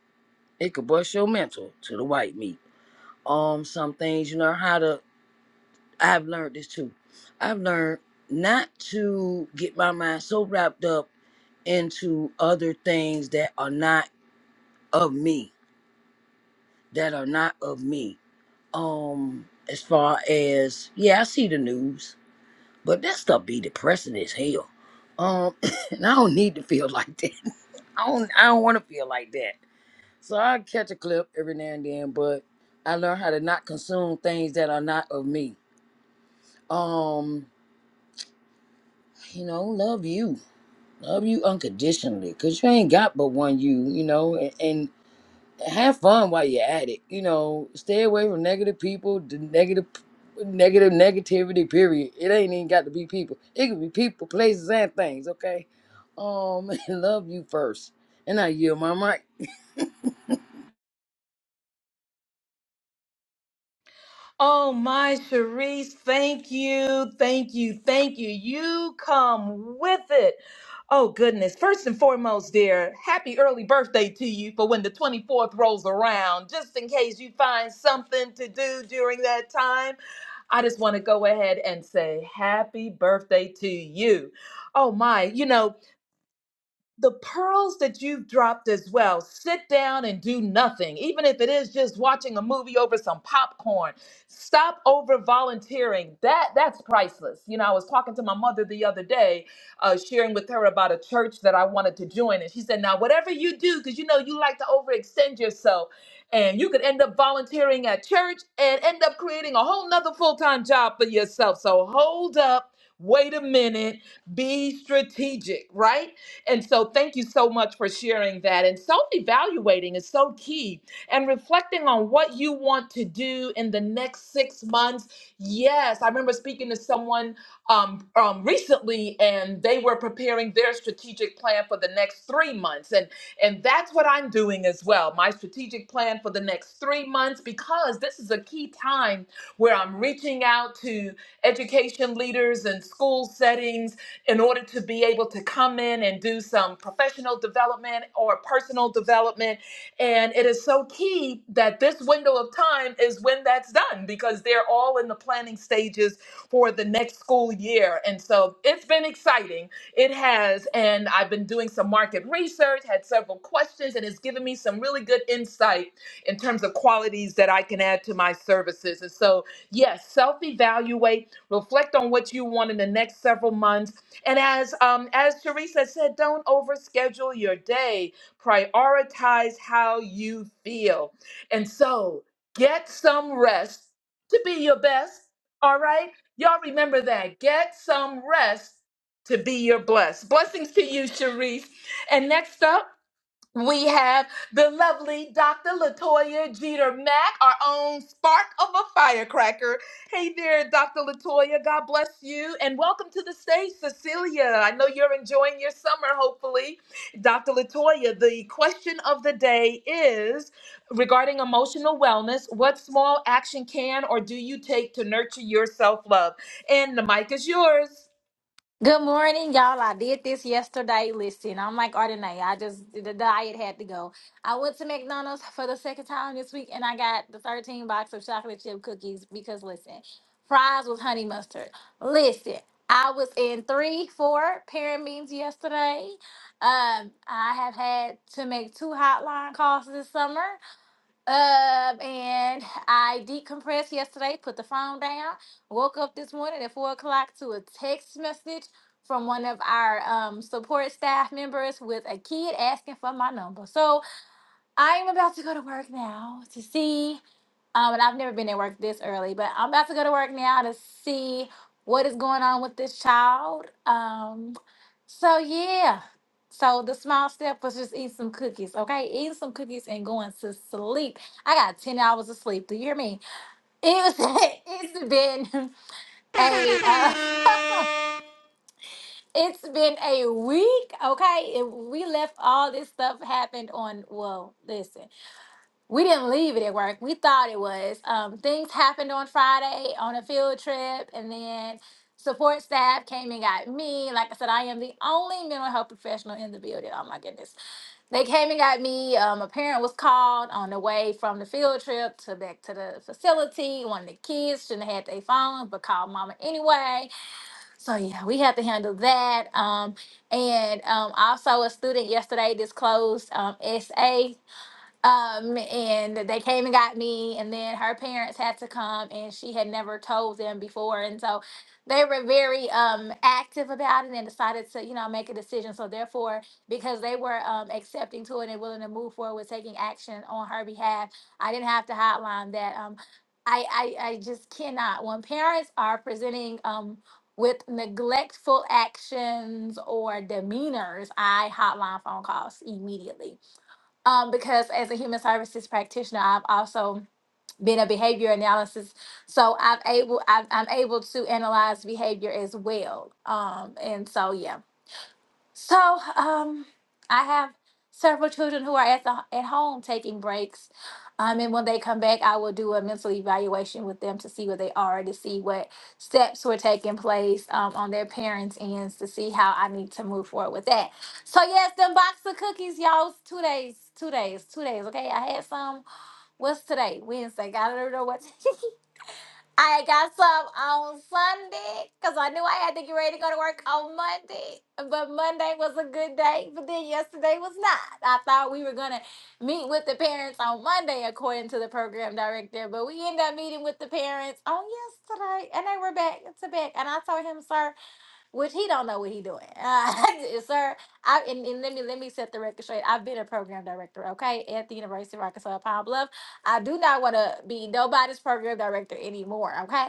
Speaker 3: it could bust your mental to the white meat um some things you know how to i've learned this too i've learned not to get my mind so wrapped up into other things that are not of me that are not of me um as far as yeah i see the news But that stuff be depressing as hell. Um, and I don't need to feel like that. I don't. I don't want to feel like that. So I catch a clip every now and then, but I learn how to not consume things that are not of me. Um, you know, love you, love you unconditionally, cause you ain't got but one you. You know, and, and have fun while you're at it. You know, stay away from negative people, the negative, negative negativity. Period. It ain't even got to be people. It could be people, places, and things. Okay. Um, love you first, and I yield my mic.
Speaker 1: Oh my Sharice, thank you, thank you, thank you. You come with it. Oh goodness. First and foremost, dear, happy early birthday to you for when the 24th rolls around, just in case you find something to do during that time. I just want to go ahead and say happy birthday to you. Oh my, you know, the pearls that you've dropped as well. Sit down and do nothing, even if it is just watching a movie over some popcorn. Stop over volunteering. That that's priceless. You know, I was talking to my mother the other day, uh, sharing with her about a church that I wanted to join, and she said, "Now, whatever you do, because you know you like to overextend yourself." And you could end up volunteering at church and end up creating a whole nother full time job for yourself. So hold up, wait a minute, be strategic, right? And so thank you so much for sharing that. And self evaluating is so key and reflecting on what you want to do in the next six months. Yes, I remember speaking to someone um, um, recently and they were preparing their strategic plan for the next three months. And, and that's what I'm doing as well my strategic plan for the next three months because this is a key time where I'm reaching out to education leaders and school settings in order to be able to come in and do some professional development or personal development. And it is so key that this window of time is when that's done because they're all in the planning stages for the next school year. And so it's been exciting. It has. And I've been doing some market research, had several questions, and it's given me some really good insight in terms of qualities that I can add to my services. And so, yes, self evaluate, reflect on what you want in the next several months and as um, as Teresa said, don't overschedule your day. Prioritize how you feel. And so get some rest to be your best. All right, y'all remember that. Get some rest to be your blessed. Blessings to you, Sharice. And next up. We have the lovely Dr. Latoya Jeter Mack, our own spark of a firecracker. Hey there, Dr. Latoya. God bless you. And welcome to the stage, Cecilia. I know you're enjoying your summer, hopefully. Dr. Latoya, the question of the day is regarding emotional wellness what small action can or do you take to nurture your self love? And the mic is yours.
Speaker 5: Good morning, y'all. I did this yesterday. Listen, I'm like Ardenae. I just the diet had to go. I went to McDonald's for the second time this week, and I got the 13 box of chocolate chip cookies because listen, fries with honey mustard. Listen, I was in three, four parent meetings yesterday. Um, I have had to make two hotline calls this summer. Um, and I decompressed yesterday, put the phone down, woke up this morning at four o'clock to a text message from one of our um support staff members with a kid asking for my number. So I'm about to go to work now to see. Um, and I've never been at work this early, but I'm about to go to work now to see what is going on with this child. Um, so yeah. So the small step was just eat some cookies, okay? Eating some cookies and going to sleep. I got ten hours of sleep. Do you hear me? It was. It's been a. Uh, it's been a week, okay? It, we left all this stuff happened on. Well, listen. we didn't leave it at work. We thought it was. Um, things happened on Friday on a field trip, and then support staff came and got me. Like I said, I am the only mental health professional in the building. Oh my goodness. They came and got me. Um, a parent was called on the way from the field trip to back to the facility. One of the kids shouldn't have had their phone, but called mama anyway. So yeah, we had to handle that. Um, and um, also a student yesterday disclosed um, SA. Um, and they came and got me, and then her parents had to come, and she had never told them before, and so they were very um active about it and decided to you know make a decision. So therefore, because they were um accepting to it and willing to move forward with taking action on her behalf, I didn't have to hotline that. Um, I I, I just cannot when parents are presenting um with neglectful actions or demeanors, I hotline phone calls immediately um, because as a human services practitioner, I've also been a behavior analysis, so I've able I've, I'm able to analyze behavior as well. Um, and so yeah, so, um, I have several children who are at the at home taking breaks, um, and when they come back, I will do a mental evaluation with them to see where they are, to see what steps were taking place um, on their parents' ends, to see how I need to move forward with that. So, yes, them box of cookies, y'all. Two days, two days, two days. Okay, I had some. What's today? Wednesday. Got to know what? I got some on Sunday because I knew I had to get ready to go to work on Monday. But Monday was a good day, but then yesterday was not. I thought we were going to meet with the parents on Monday, according to the program director, but we ended up meeting with the parents on yesterday and they were back to back. And I told him, sir, which he don't know what he doing. Uh, sir, I and, and let me let me set the record straight. I've been a program director, okay, at the University of Arkansas Pine Bluff. I do not want to be nobody's program director anymore, okay?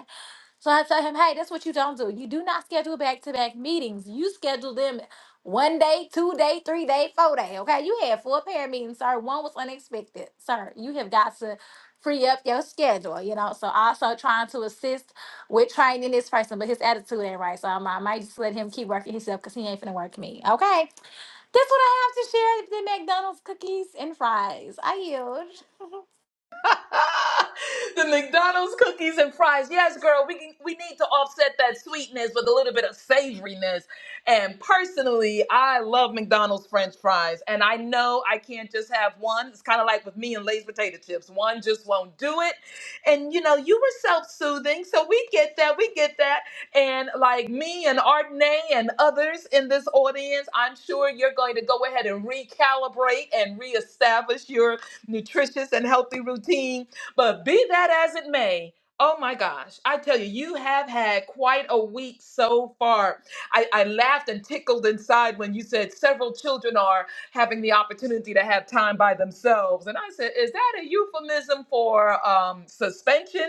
Speaker 5: So I tell him, hey, that's what you don't do. You do not schedule back to back meetings. You schedule them one day, two day, three day, four day. Okay. You had four parent meetings, sir. One was unexpected. Sir, you have got to free up your schedule, you know. So also trying to assist with training this person, but his attitude ain't right. So I'm, I might just let him keep working himself because he ain't finna work me. Okay. That's what I have to share the McDonald's cookies and fries. I yield.
Speaker 1: the McDonald's cookies and fries. Yes, girl, we can, we need to offset that sweetness with a little bit of savoriness. And personally, I love McDonald's French fries, and I know I can't just have one. It's kind of like with me and Lay's potato chips. One just won't do it. And you know, you were self-soothing, so we get that. We get that. And like me and Artney and others in this audience, I'm sure you're going to go ahead and recalibrate and reestablish your nutritious and healthy routine. But be that as it may, oh my gosh, I tell you, you have had quite a week so far. I, I laughed and tickled inside when you said several children are having the opportunity to have time by themselves. And I said, is that a euphemism for um, suspension?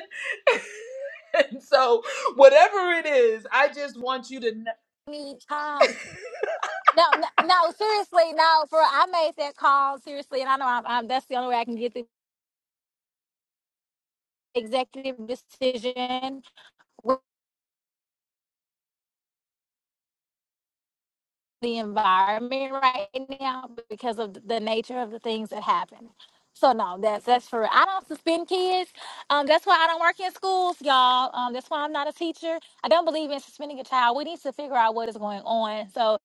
Speaker 1: and so, whatever it is, I just want you to know.
Speaker 5: Me time. No, no, no, seriously, no. For I made that call seriously, and I know I'm, I'm. That's the only way I can get the executive decision with the environment right now because of the nature of the things that happen. So no, that's that's for. I don't suspend kids. Um, that's why I don't work in schools, y'all. Um, that's why I'm not a teacher. I don't believe in suspending a child. We need to figure out what is going on. So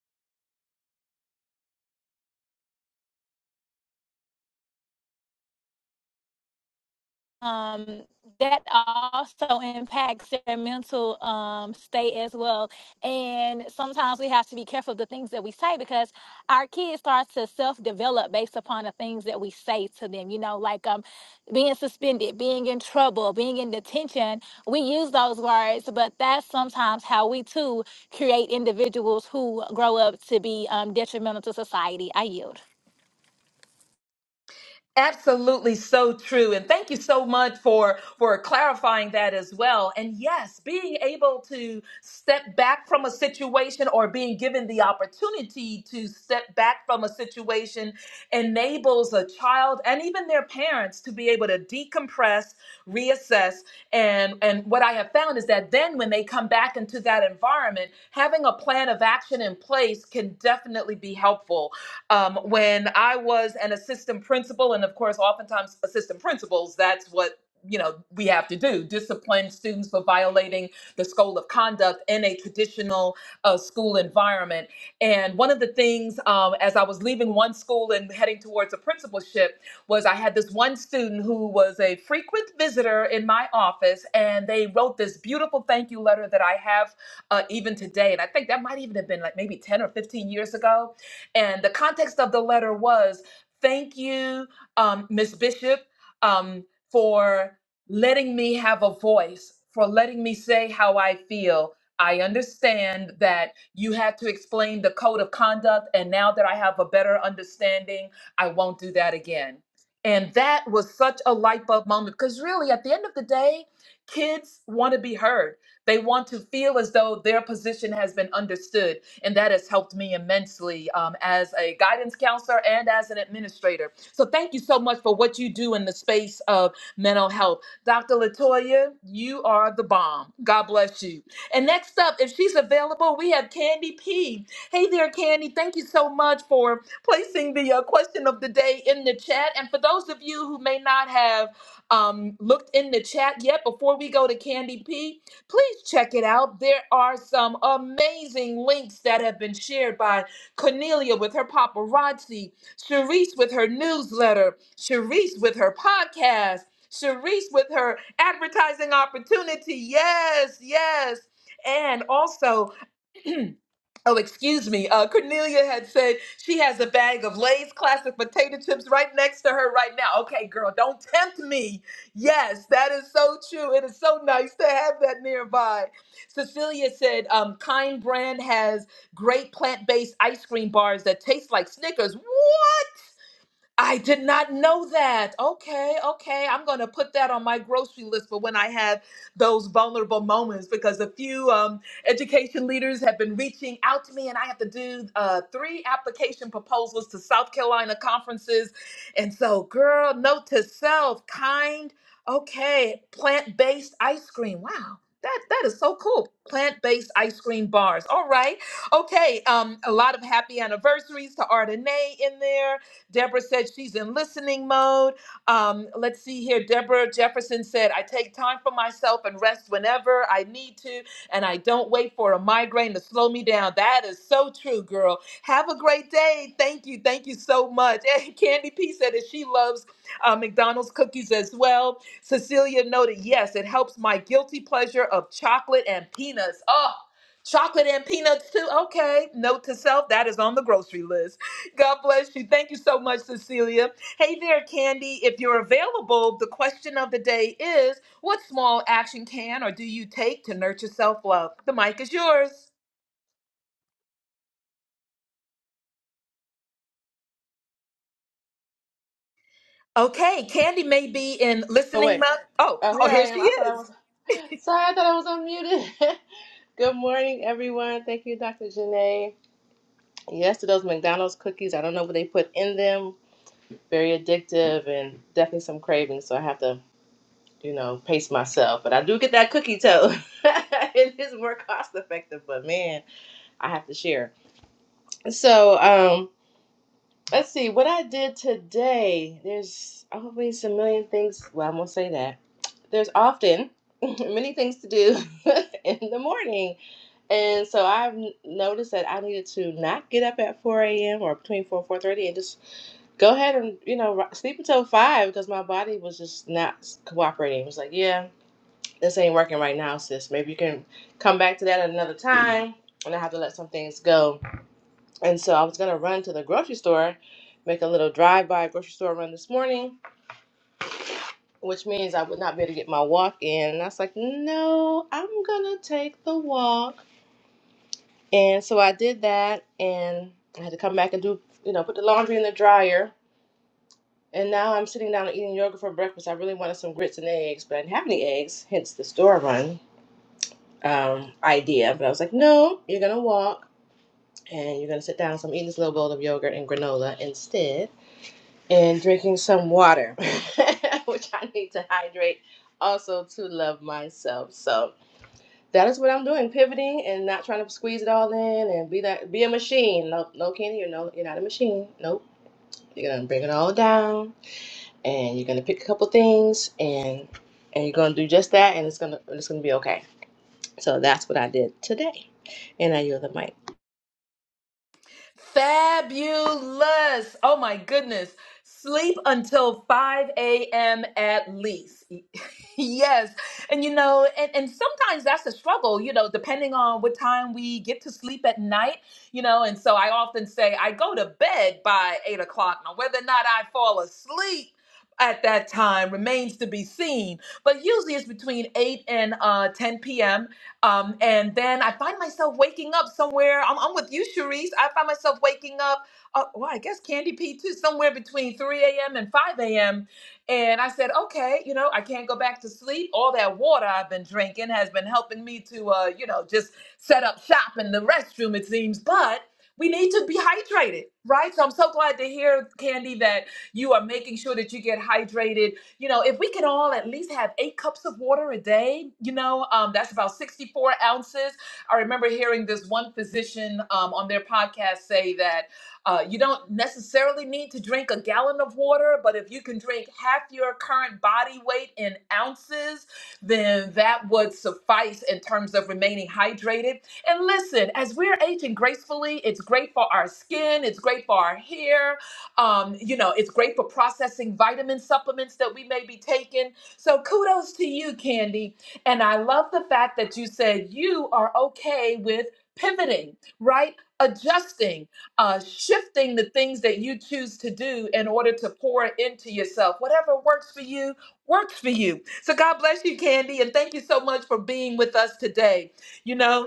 Speaker 5: um that also impacts their mental um state as well and sometimes we have to be careful of the things that we say because our kids start to self-develop based upon the things that we say to them you know like um being suspended being in trouble being in detention we use those words but that's sometimes how we too create individuals who grow up to be um, detrimental to society i yield
Speaker 1: Absolutely so true. And thank you so much for for clarifying that as well. And yes, being able to step back from a situation or being given the opportunity to step back from a situation enables a child and even their parents to be able to decompress, reassess, and and what I have found is that then when they come back into that environment, having a plan of action in place can definitely be helpful um, when I was an assistant principal, and of course, oftentimes assistant principals, that's what you know we have to do discipline students for violating the school of conduct in a traditional uh, school environment and one of the things um, as i was leaving one school and heading towards a principalship was i had this one student who was a frequent visitor in my office and they wrote this beautiful thank you letter that i have uh, even today and i think that might even have been like maybe 10 or 15 years ago and the context of the letter was thank you, um, Ms. Bishop, um, for letting me have a voice, for letting me say how I feel. I understand that you had to explain the code of conduct, and now that I have a better understanding, I won't do that again. And that was such a light bulb moment because, really, at the end of the day, kids want to be heard. They want to feel as though their position has been understood and that has helped me immensely um, as a guidance counselor and as an administrator. So thank you so much for what you do in the space of mental health. Dr. Latoya, you are the bomb. God bless you. And next up, if she's available, we have Candy P. Hey there, Candy. Thank you so much for placing the uh, question of the day in the chat. And for those of you who may not have um, looked in the chat yet, before we go to Candy P, please check it out. There are some amazing links that have been shared by Cornelia with her paparazzi, Sharice with her newsletter, Sharice with her podcast, Sharice with her advertising opportunity. Yes, yes. And also, Oh, excuse me. Uh, Cornelia had said she has a bag of Lay's classic potato chips right next to her right now. Okay, girl, don't tempt me. Yes, that is so true. It is so nice to have that nearby. Cecilia said, um, Kind Brand has great plant based ice cream bars that taste like Snickers. Woo! I did not know that. Okay, okay. I'm going to put that on my grocery list for when I have those vulnerable moments because a few um, education leaders have been reaching out to me, and I have to do uh, three application proposals to South Carolina conferences. And so, girl, note to self, kind, okay, plant based ice cream. Wow. That, that is so cool. Plant based ice cream bars. All right. Okay. Um, a lot of happy anniversaries to Ardenae in there Deborah said she's in listening mode. Um, let's see here. Deborah Jefferson said, I take time for myself and rest whenever I need to, and I don't wait for a migraine to slow me down. That is so true, girl. Have a great day. Thank you. Thank you so much. And Candy P said that she loves uh, McDonald's cookies as well. Cecilia noted, yes, it helps my guilty pleasure of chocolate and peanuts. Oh, chocolate and peanuts too. Okay. Note to self, that is on the grocery list. God bless you. Thank you so much, Cecilia. Hey there, Candy. If you're available, the question of the day is what small action can or do you take to nurture self love? The mic is yours. Okay, Candy may be in
Speaker 6: Oh
Speaker 1: listening
Speaker 6: wait.
Speaker 1: mode. Oh,
Speaker 6: Oh,
Speaker 1: oh,
Speaker 6: here I
Speaker 1: here
Speaker 6: am.
Speaker 1: she
Speaker 6: I thought
Speaker 1: is.
Speaker 6: I was. Sorry, I thought I was unmuted. Good morning, everyone. Thank you, Dr. Janae. Yes, to those McDonald's cookies. I don't know what they put in them. Very addictive and definitely some cravings. So I have to, you know, pace myself. But I do get that cookie toe. it is more cost effective, but man, I have to share. So, um, Let's see what I did today. There's always a million things. Well, I won't say that. There's often many things to do in the morning. And so I've n- noticed that I needed to not get up at 4 a.m. or between 4 and 4.30 and just go ahead and, you know, ro- sleep until 5 because my body was just not s- cooperating. It was like, yeah, this ain't working right now, sis. Maybe you can come back to that at another time. And I have to let some things go and so I was going to run to the grocery store, make a little drive by grocery store run this morning, which means I would not be able to get my walk in. And I was like, no, I'm going to take the walk. And so I did that and I had to come back and do, you know, put the laundry in the dryer. And now I'm sitting down and eating yogurt for breakfast. I really wanted some grits and eggs, but I didn't have any eggs, hence the store run um, idea. But I was like, no, you're going to walk and you're going to sit down. So I'm eating this little bowl of yogurt and granola instead. and drinking some water, which I need to hydrate also to love myself. So that is what I'm doing, pivoting and not trying to squeeze it all in and be that be a machine. No, no, Kenny, you're no, you're not a machine. Nope. You're gonna bring it all down, and you're gonna pick a couple things, and and you're gonna do just that, and it's gonna it's gonna be okay. So that's what I did today, and I yield the mic.
Speaker 1: Fabulous. Oh my goodness. Sleep until 5 a.m. at least. yes. And you know, and, and sometimes that's a struggle, you know, depending on what time we get to sleep at night, you know. And so I often say I go to bed by eight o'clock. Now, whether or not I fall asleep at that time remains to be seen. But usually it's between 8 and uh, 10 p.m um, and then I find myself waking up somewhere. I'm, I'm with you, Cherise. I find myself waking up, uh, well, I guess Candy P too, somewhere between 3 a.m. and 5 a.m. And I said, okay, you know, I can't go back to sleep. All that water I've been drinking has been helping me to, uh, you know, just set up shop in the restroom, it seems. But we need to be hydrated, right? So I'm so glad to hear, Candy, that you are making sure that you get hydrated you know, if we could all at least have eight cups of water a day, you know, um, that's about 64 ounces. I remember hearing this one physician um, on their podcast say that uh, you don't necessarily need to drink a gallon of water, but if you can drink half your current body weight in ounces, then that would suffice in terms of remaining hydrated. And listen, as we're aging gracefully, it's great for our skin, it's great for our hair, um, you know, it's great for processing vitamin supplements that we may be taking. So kudos to you, Candy. And I love the fact that you said you are okay with pivoting, right? Adjusting, uh, shifting the things that you choose to do in order to pour into yourself. Whatever works for you, works for you. So God bless you, Candy, and thank you so much for being with us today. You know,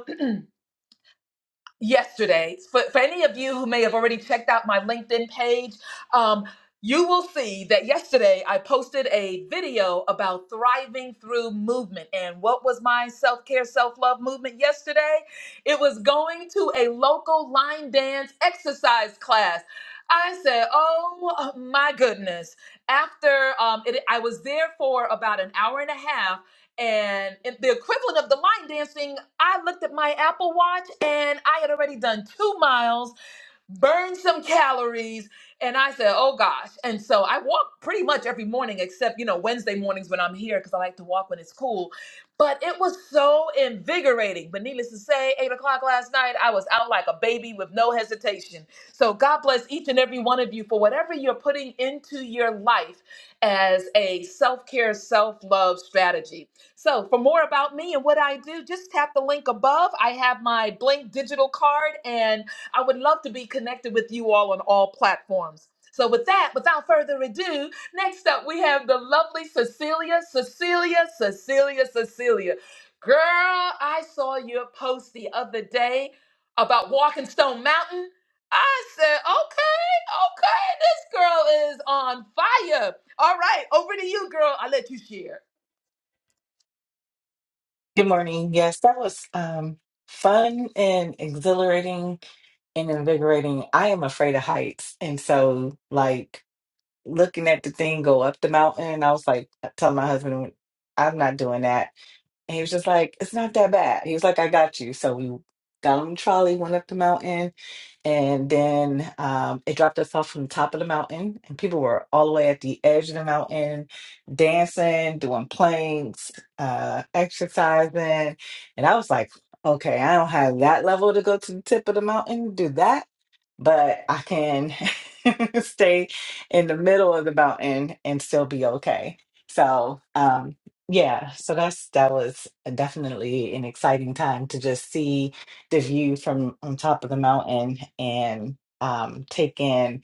Speaker 1: yesterday. For, for any of you who may have already checked out my LinkedIn page, um, you will see that yesterday I posted a video about thriving through movement. And what was my self care, self love movement yesterday? It was going to a local line dance exercise class. I said, Oh my goodness. After um, it, I was there for about an hour and a half and in the equivalent of the line dancing, I looked at my Apple Watch and I had already done two miles burn some calories. And I said, oh gosh. And so I walk pretty much every morning, except, you know, Wednesday mornings when I'm here because I like to walk when it's cool. But it was so invigorating. But needless to say, eight o'clock last night, I was out like a baby with no hesitation. So God bless each and every one of you for whatever you're putting into your life as a self care, self love strategy. So, for more about me and what I do, just tap the link above. I have my Blink digital card and I would love to be connected with you all on all platforms. So, with that, without further ado, next up we have the lovely Cecilia, Cecilia, Cecilia, Cecilia. Girl, I saw your post the other day about walking Stone Mountain. I said, okay, okay, this girl is on fire. All right, over to you, girl. I let you share.
Speaker 7: Good morning. Yes, that was um, fun and exhilarating and invigorating. I am afraid of heights. And so, like, looking at the thing go up the mountain, I was like, telling my husband, "Well, I'm not doing that. And he was just like, it's not that bad. He was like, I got you. So we got on the trolley, went up the mountain, and then um, it dropped us off from the top of the mountain, and people were all the way at the edge of the mountain, dancing, doing planks, uh, exercising. And I was like, okay, I don't have that level to go to the tip of the mountain, do that but I can stay in the middle of the mountain and still be okay. So, um, yeah, so that's that was definitely an exciting time to just see the view from on top of the mountain and um, take in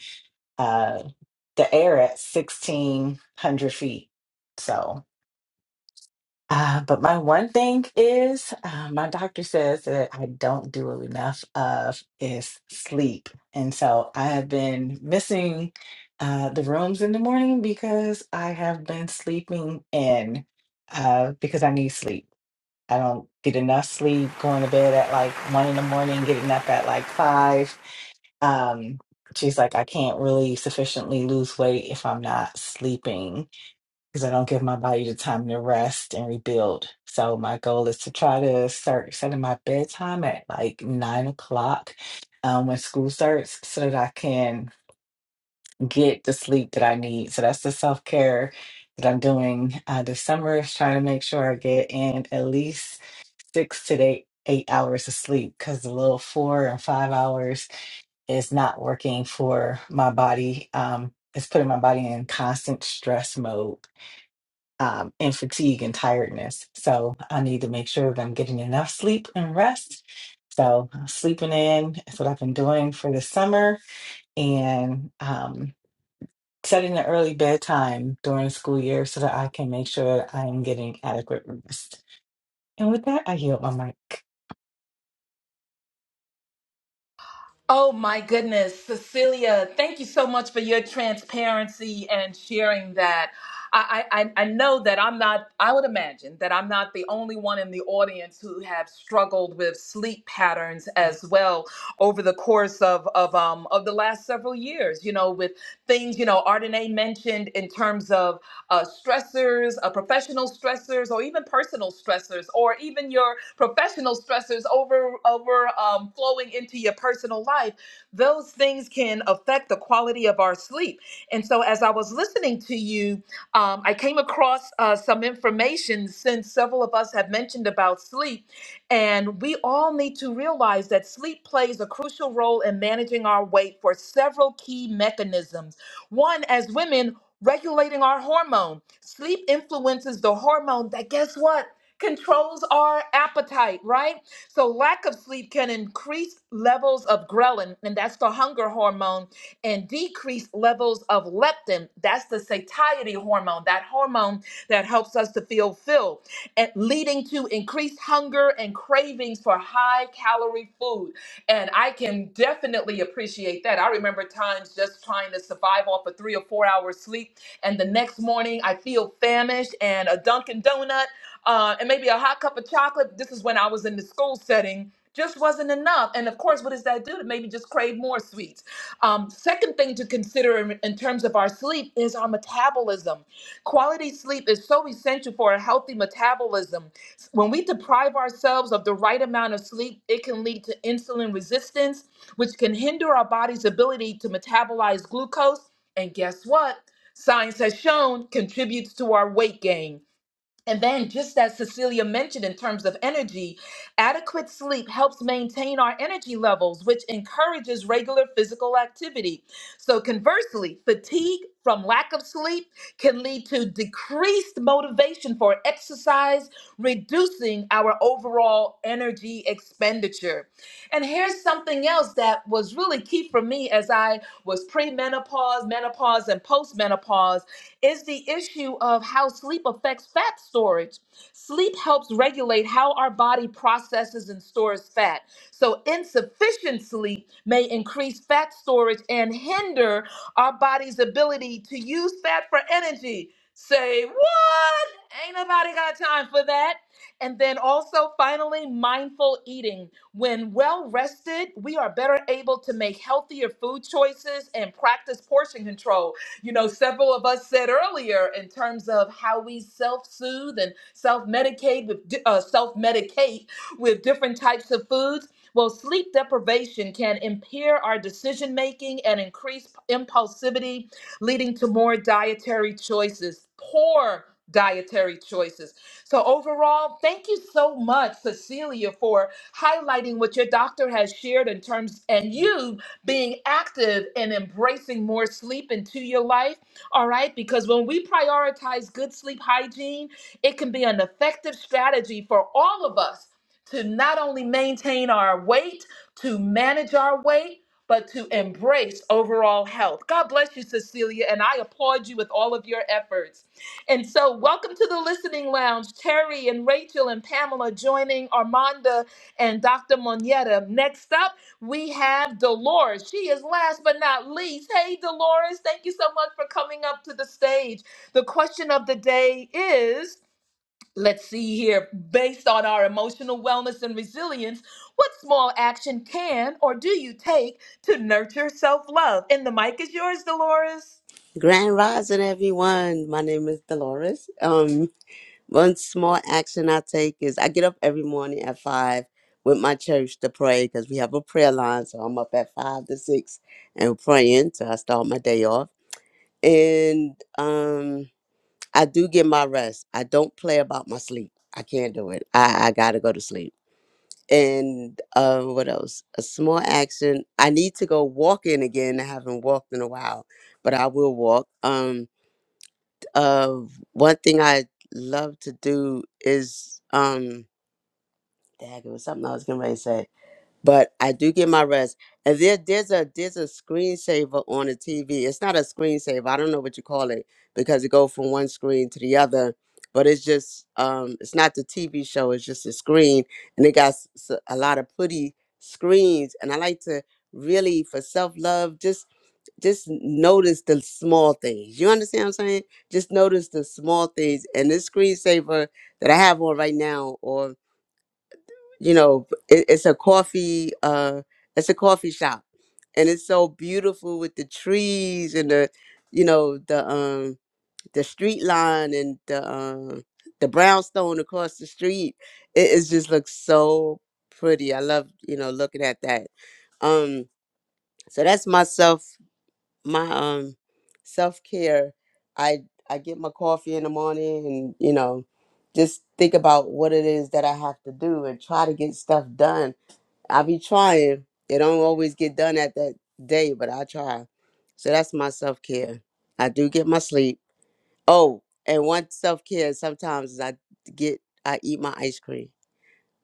Speaker 7: uh, the air at 1600 feet. So, uh, but my one thing is, uh, my doctor says that I don't do enough of is sleep, and so I have been missing uh, the rooms in the morning because I have been sleeping in uh, because I need sleep. I don't get enough sleep. Going to bed at like one in the morning, getting up at like five. Um, she's like, I can't really sufficiently lose weight if I'm not sleeping because I don't give my body the time to rest and rebuild. So my goal is to try to start setting my bedtime at like nine o'clock um, when school starts, so that I can get the sleep that I need. So that's the self care that I'm doing uh, this summer is trying to make sure I get in at least six to eight eight hours of sleep because the little four and five hours is not working for my body. Um, it's putting my body in constant stress mode um, and fatigue and tiredness. So I need to make sure that I'm getting enough sleep and rest. So sleeping in is what I've been doing for the summer and um, setting an early bedtime during the school year so that I can make sure that I'm getting adequate rest. And with that, I yield my mic.
Speaker 1: Oh my goodness, Cecilia, thank you so much for your transparency and sharing that. I, I, I I know that I'm not, I would imagine that I'm not the only one in the audience who have struggled with sleep patterns as well over the course of, of, um, of the last several years, you know, with things, you know, Ardenae mentioned in terms of uh, stressors, uh, professional stressors, or even personal stressors, or even your professional stressors over over um, flowing into your personal life. Those things can affect the quality of our sleep. And so, as I was listening to you, um, I came across uh, some information since several of us have mentioned about sleep, and we all need to realize that sleep plays a crucial role in managing our weight for several key mechanisms. One, as women, regulating our hormone. Sleep influences the hormone that, guess what? Controls our appetite, right? So, lack of sleep can increase levels of ghrelin, and that's the hunger hormone, and decrease levels of leptin. That's the satiety hormone, that hormone that helps us to feel filled, and leading to increased hunger and cravings for high calorie food. And I can definitely appreciate that. I remember times just trying to survive off a three or four hours sleep. And the next morning, I feel famished and a Dunkin' Donut uh, and maybe a hot cup of chocolate. This is when I was in the school setting. Just wasn't enough. And of course, what does that do? It made me just crave more sweets. Um, second thing to consider in, in terms of our sleep is our metabolism. Quality sleep is so essential for a healthy metabolism. When we deprive ourselves of the right amount of sleep, it can lead to insulin resistance, which can hinder our body's ability to metabolize glucose. And guess what? Science has shown contributes to our weight gain. And then, just as Cecilia mentioned in terms of energy, adequate sleep helps maintain our energy levels, which encourages regular physical activity. So, conversely, fatigue from lack of sleep can lead to decreased motivation for exercise, reducing our overall energy expenditure. And here's something else that was really key for me as I was pre menopause, menopause, and postmenopause is the issue of how sleep affects fat storage. Sleep helps regulate how our body processes and stores fat. So, insufficient sleep may increase fat storage and hinder our body's ability to use fat for energy. Say what? Ain't nobody got time for that. And then also, finally, mindful eating. When well rested, we are better able to make healthier food choices and practice portion control you know, several of us said earlier in terms of how we self-soothe and self-medicate with di- uh, self-medicate with different types of foods. Well, sleep deprivation can impair our decision making and increase impulsivity, leading to more dietary choices, poor dietary choices. So, overall, thank you so much, Cecilia, for highlighting what your doctor has shared in terms and you being active and embracing more sleep into your life. All right. Because when we prioritize good sleep hygiene, it can be an effective strategy for all of us to not only maintain our weight, to manage our weight, but to embrace overall health. God bless you, Cecilia, and I applaud you with all of your efforts. And so, welcome to the listening lounge. Terry and Rachel and Pamela joining Armanda and Dr. Moneta. Next up, we have Dolores. She is last but not least. Hey, Dolores, thank you so much for coming up to the stage. The question of the day is let's see here, based on our emotional wellness and resilience, what small action can or do you take to nurture self love? And the mic is yours, Dolores.
Speaker 8: Grand Rising, everyone. My name is Dolores. Um, one small action I take is I get up every morning at five with my church to pray because we have a prayer line. So I'm up at five to six and praying. So I start my day off, and um, I do get my rest. I don't play about my sleep. I can't do it. I, I gotta go to sleep. And uh, what else? A small action. I need to go walking again. I haven't walked in a while, but I will walk. Um of one thing I love to do is um dag, it was something I was getting ready to say. But I do get my rest. And there there's a there's a screensaver on the TV. It's not a screensaver, I don't know what you call it, because it go from one screen to the other. But it's just um it's not the TV show, it's just a screen and it got s- s- a lot of pretty screens and I like to really for self-love just just notice the small things. You understand what I'm saying? Just notice the small things. And this screensaver that I have on right now, or you know, it, it's a coffee, uh, it's a coffee shop, and it's so beautiful with the trees and the, you know, the um the street line and the um the brownstone across the street. It, it just looks so pretty. I love you know looking at that. Um, so that's myself my um self care, I I get my coffee in the morning and you know just think about what it is that I have to do and try to get stuff done. I be trying. It don't always get done at that day, but I try. So that's my self care. I do get my sleep. Oh, and one self care sometimes is I get I eat my ice cream,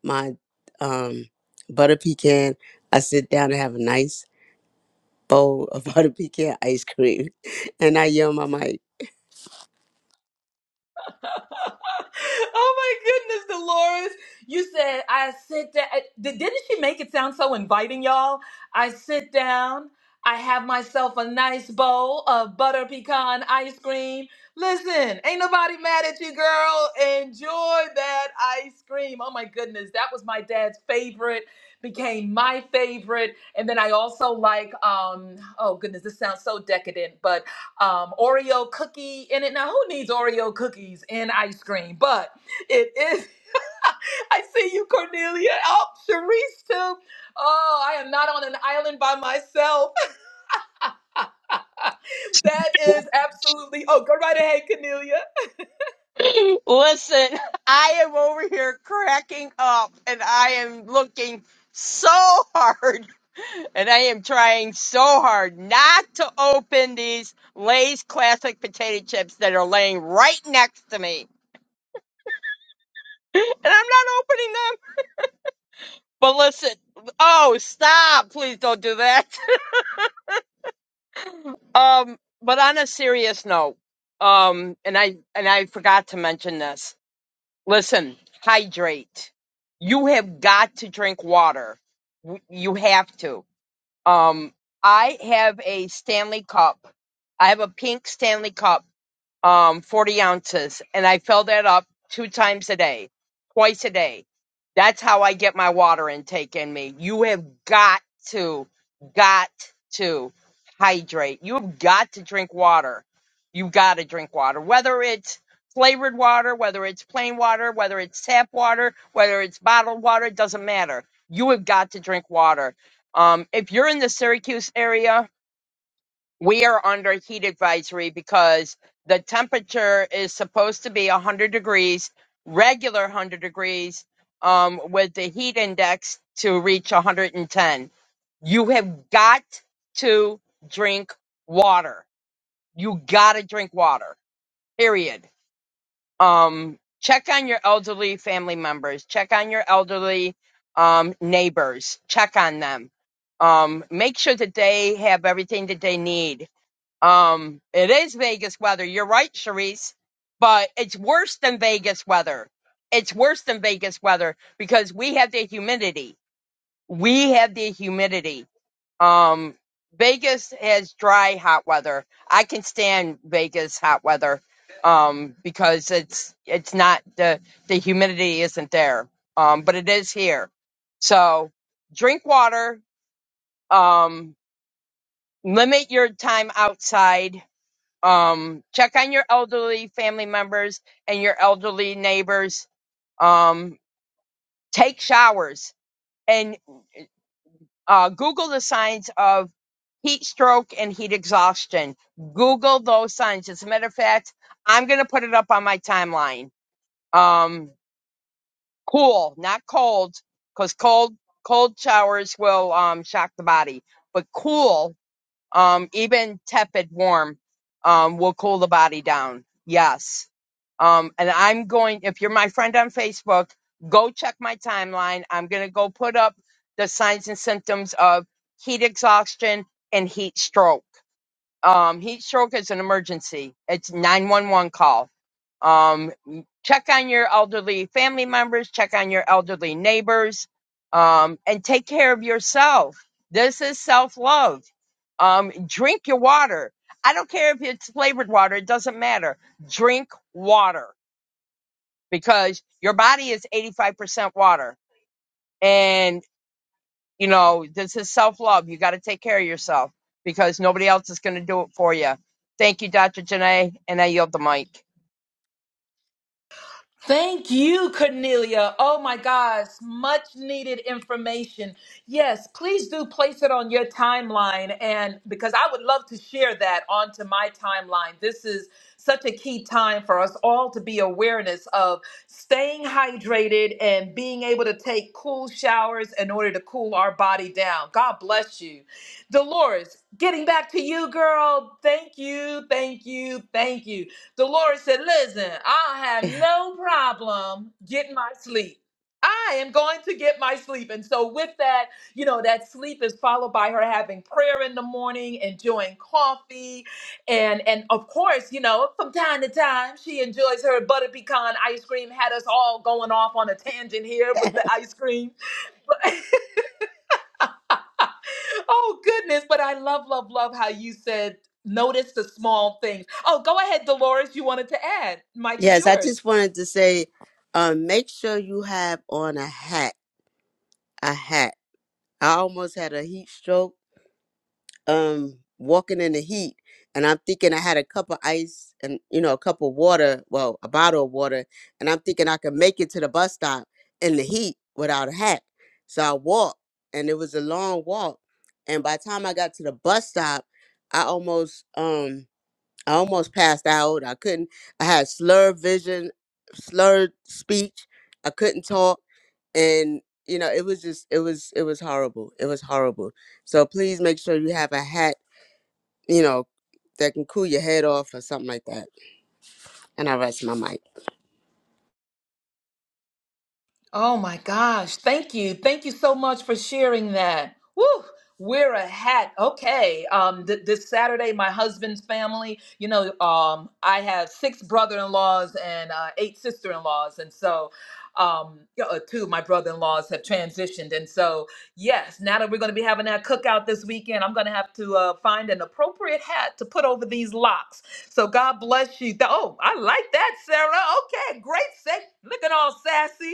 Speaker 8: my um butter pecan. I sit down and have a nice bowl of butter pecan ice cream. And I yell my mic.
Speaker 1: oh my goodness, Dolores. You said I sit down. Did- Didn't she make it sound so inviting, y'all? I sit down. I have myself a nice bowl of butter pecan ice cream. Listen, ain't nobody mad at you, girl. Enjoy that ice cream. Oh my goodness, that was my dad's favorite, became my favorite. And then I also like, um, oh goodness, this sounds so decadent, but um, Oreo cookie in it. Now, who needs Oreo cookies in ice cream? But it is. I see you, Cornelia. Oh, Sharice too. Oh, I am not on an island by myself. That is absolutely. Oh, go right ahead, Cornelia.
Speaker 2: Listen, I am over here cracking up and I am looking so hard and I am trying so hard not to open these Lay's classic potato chips that are laying right next to me. And I'm not opening them. But listen, oh, stop. Please don't do that. Um, but on a serious note, um, and I and I forgot to mention this. Listen, hydrate. You have got to drink water. W- You have to. Um, I have a Stanley cup. I have a pink Stanley cup um, 40 ounces, and I fill that up two times a day, twice a day. That's how I get my water intake in me. You have got to, got to hydrate. You have got to drink water. You've got to drink water, whether it's flavored water, whether it's plain water, whether it's tap water, whether it's bottled water, it doesn't matter. You have got to drink water. Um, if you're in the Syracuse area, we are under a heat advisory because the temperature is supposed to be 100 degrees, regular 100 degrees, um, with the heat index to reach 110. You have got to drink water. You got to drink water, period. Um, check on your elderly family members, check on your elderly um, neighbors, check on them. Um, make sure that they have everything that they need um, it is Vegas weather. You're right, Charisse, but it's worse than Vegas weather. It's worse than Vegas weather because we have the humidity. We have the humidity. Um, Vegas has dry, hot weather. I can stand Vegas hot weather um, because it's it's not the the humidity isn't there, um, but it is here. So drink water. Um, limit your time outside um check on your elderly family members and your elderly neighbors um take showers and uh google the signs of heat stroke and heat exhaustion google those signs as a matter of fact i'm going to put it up on my timeline um cool not cold cuz cold cold showers will um shock the body but cool Um, even tepid warm um, will cool the body down. Yes. Um, and I'm going, if you're my friend on Facebook, go check my timeline. I'm going to go put up the signs and symptoms of heat exhaustion and heat stroke. Um, heat stroke is an emergency. It's 911 call. Um, check on your elderly family members, check on your elderly neighbors, um, and take care of yourself. This is self love um, drink your water. I don't care if it's flavored water, it doesn't matter. Drink water because your body is 85% water. And, you know, this is self love. You got to take care of yourself because nobody else is going to do it for you. Thank you, Dr. Janae, and I yield the mic.
Speaker 1: Thank you, Cornelia. Oh my gosh, much needed information. Yes, please do place it on your timeline. And because I would love to share that onto my timeline, this is such a key time for us all to be awareness of staying hydrated and being able to take cool showers in order to cool our body down. God bless you. Dolores, getting back to you, girl. Thank you, thank you, thank you. Dolores said, Listen, I have no problem getting my sleep. I am going to get my sleep. And so, with that, you know, that sleep is followed by her having prayer in the morning, enjoying coffee. And, and of course, you know, from time to time, she enjoys her butter pecan ice cream. Had us all going off on a tangent here with the ice cream. But, oh, goodness. But I love, love, love how you said, notice the small things. Oh, go ahead, Dolores. You wanted to add. Mike is
Speaker 8: Yes, I just
Speaker 1: yours.
Speaker 8: wanted to say, um, make sure you have on a hat. A hat. I almost had a heat stroke, um, walking in the heat. And I'm thinking I had a cup of ice and, you know, a cup of water, well, a bottle of water. And I'm thinking I could make it to the bus stop in the heat without a hat. So I walked and it was a long walk. And by the time I got to the bus stop, I almost, um, I almost passed out. I couldn't. I had slurred vision, slurred speech. I couldn't talk, and you know, it was just, it was, it was horrible. It was horrible. So please make sure you have a hat, you know, that can cool your head off or something like that. And I rest my mic.
Speaker 1: Oh my gosh. Thank you. Thank you so much for sharing that. Woo! Wear a hat. Okay. Um th- this Saturday my husband's family, you know, um I have six brother-in-laws and uh, eight sister-in-laws and so um you know, uh, two of my brother-in-laws have transitioned and so yes, now that we're going to be having that cookout this weekend, I'm going to have to uh, find an appropriate hat to put over these locks. So God bless you. Th- oh, I like that, Sarah. Okay, great. Say, looking all sassy.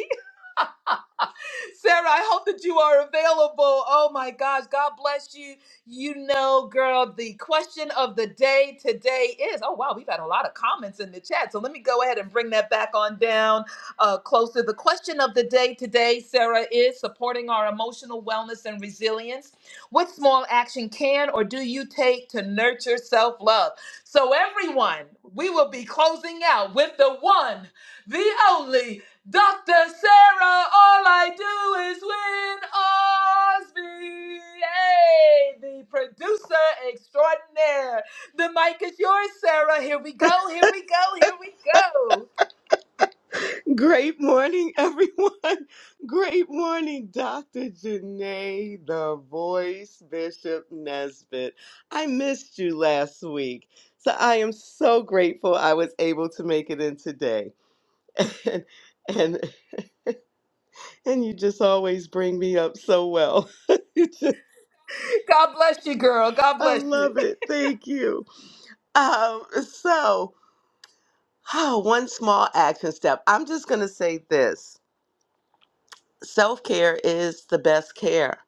Speaker 1: Sarah, I hope that you are available. Oh my gosh, God bless you. You know, girl, the question of the day today is oh, wow, we've had a lot of comments in the chat. So let me go ahead and bring that back on down uh, closer. The question of the day today, Sarah, is supporting our emotional wellness and resilience. What small action can or do you take to nurture self love? So, everyone, we will be closing out with the one, the only, Dr. Sarah, all I do is win Osby. Hey, the producer extraordinaire. The mic is yours, Sarah. Here we go, here we go, here we go.
Speaker 9: Great morning, everyone. Great morning, Dr. Janae, the voice, Bishop Nesbitt. I missed you last week, so I am so grateful I was able to make it in today. And and, and you just always bring me up so well. You just-
Speaker 1: God bless you, girl. God
Speaker 9: I
Speaker 1: bless you.
Speaker 9: love it. Thank you. Um, so, oh, one small action step. I'm just going to say this. Self care is the best care.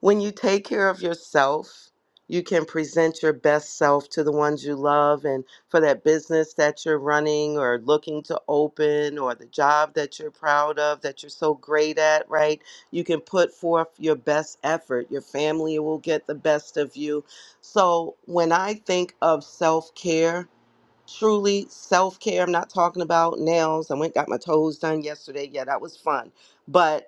Speaker 9: When you take care of yourself, you can present your best self to the ones you love and for that business that you're running or looking to open or the job that you're proud of that you're so great at, right? You can put forth your best effort. Your family will get the best of you. So when I think of self care, truly self care, I'm not talking about nails. I went got my toes done yesterday. Yeah, that was fun. But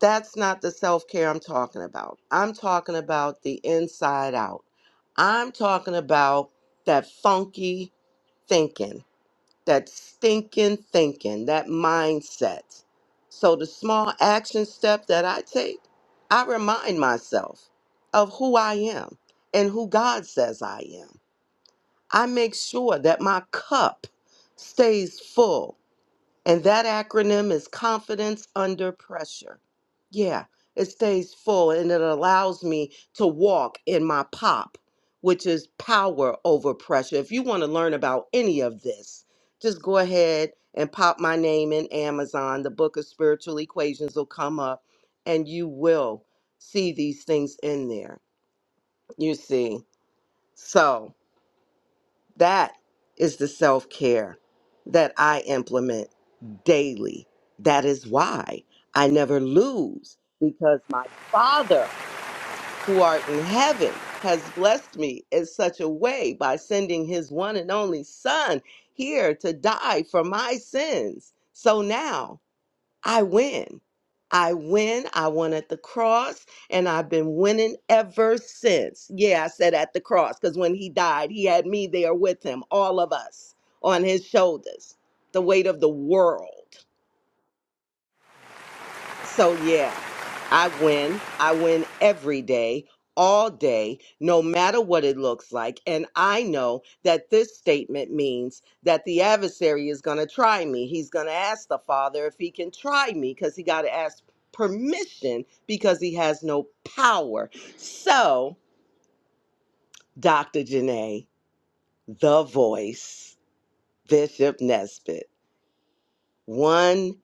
Speaker 9: that's not the self care I'm talking about. I'm talking about the inside out. I'm talking about that funky thinking, that stinking thinking, that mindset. So, the small action step that I take, I remind myself of who I am and who God says I am. I make sure that my cup stays full and that acronym is Confidence Under Pressure. Yeah, it stays full and it allows me to walk in my pop, which is power over pressure. If you want to learn about any of this, just go ahead and pop my name in Amazon. The book of spiritual equations will come up and you will see these things in there. You see. So. That is the self care that I implement daily. That is why I never lose because my Father who art in heaven has blessed me in such a way by sending his one and only Son here to die for my sins. So now, I win. I win. I won at the cross, and I've been winning ever since. Yeah, I said at the cross because when he died, he had me there with him, all of us on his shoulders, the weight of the world. So, yeah. I win. I win every day, all day, no matter what it looks like. And I know that this statement means that the adversary is going to try me. He's going to ask the Father if he can try me because he got to ask permission because he has no power. So, Dr. Janae, the voice, Bishop Nesbitt. One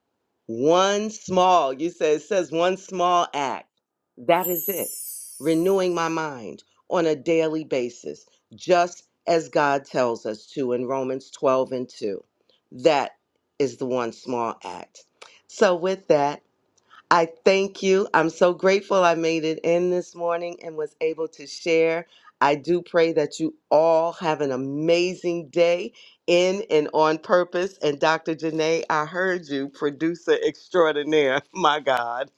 Speaker 9: one small, you say it says one small act. That is it. Renewing my mind on a daily basis, just as God tells us to in Romans 12 and 2. That is the one small act. So with that, I thank you. I'm so grateful I made it in this morning and was able to share. I do pray that you all have an amazing day in and on purpose. And Dr. Janae, I heard you, producer extraordinaire. My God,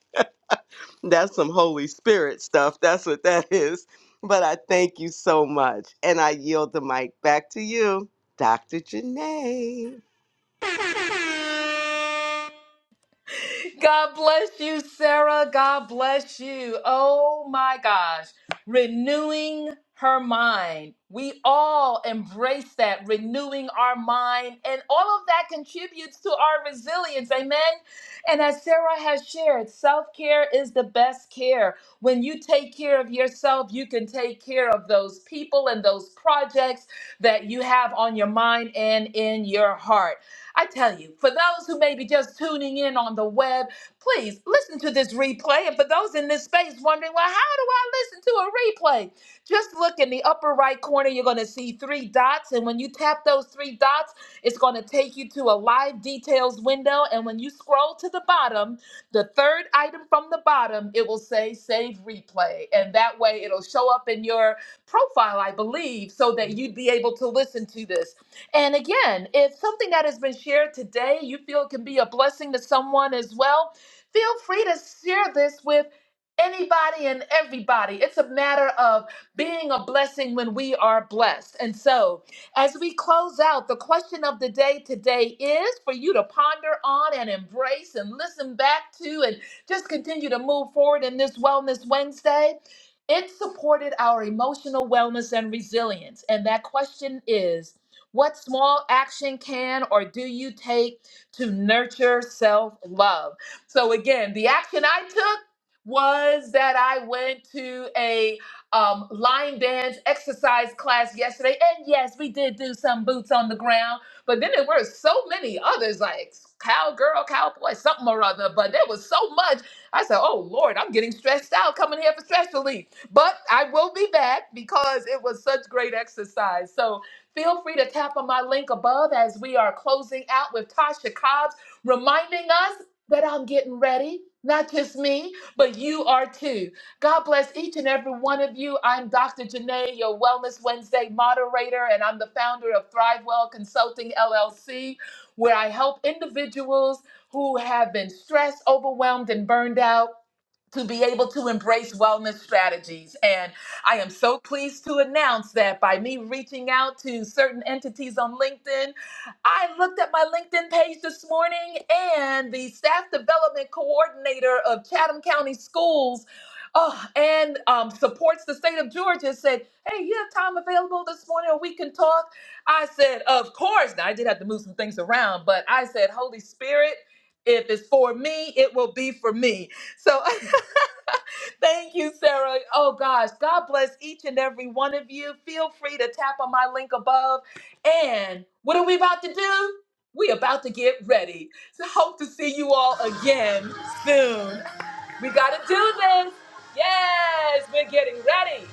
Speaker 9: that's some Holy Spirit stuff. That's what that is. But I thank you so much. And I yield the mic back to you, Dr. Janae.
Speaker 1: God bless you, Sarah. God bless you. Oh my gosh. Renewing her mind. We all embrace that, renewing our mind. And all of that contributes to our resilience. Amen. And as Sarah has shared, self care is the best care. When you take care of yourself, you can take care of those people and those projects that you have on your mind and in your heart. I tell you, for those who may be just tuning in on the web, please listen to this replay. And for those in this space wondering, well, how do I listen to a replay? Just look in the upper right corner, you're going to see three dots. And when you tap those three dots, it's going to take you to a live details window. And when you scroll to the bottom, the third item from the bottom, it will say save replay. And that way it'll show up in your profile, I believe, so that you'd be able to listen to this. And again, if something that has been shared today you feel can be a blessing to someone as well, feel free to share this with anybody and everybody. It's a matter of being a blessing when we are blessed. And so, as we close out, the question of the day today is for you to ponder on and embrace and listen back to and just continue to move forward in this Wellness Wednesday. It supported our emotional wellness and resilience. And that question is what small action can or do you take to nurture self love? So, again, the action I took was that I went to a um, line dance exercise class yesterday. And yes, we did do some boots on the ground, but then there were so many others like cowgirl, cowboy, something or other. But there was so much. I said, oh Lord, I'm getting stressed out coming here for stress relief. But I will be back because it was such great exercise. So, Feel free to tap on my link above as we are closing out with Tasha Cobbs, reminding us that I'm getting ready. Not just me, but you are too. God bless each and every one of you. I'm Dr. Janae, your Wellness Wednesday moderator, and I'm the founder of ThriveWell Consulting LLC, where I help individuals who have been stressed, overwhelmed, and burned out to be able to embrace wellness strategies. And I am so pleased to announce that by me reaching out to certain entities on LinkedIn, I looked at my LinkedIn page this morning and the staff development coordinator of Chatham County Schools. Oh, and um, supports the state of Georgia said, Hey, you have time available this morning or we can talk? I said, Of course. Now, I did have to move some things around, but I said, Holy Spirit, if it's for me, it will be for me. So Thank you, Sarah. Oh gosh, God bless each and every one of you. Feel free to tap on my link above. And what are we about to do? We about to get ready. So hope to see you all again soon. We gotta do this. Yes, we're getting ready.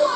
Speaker 1: Woo!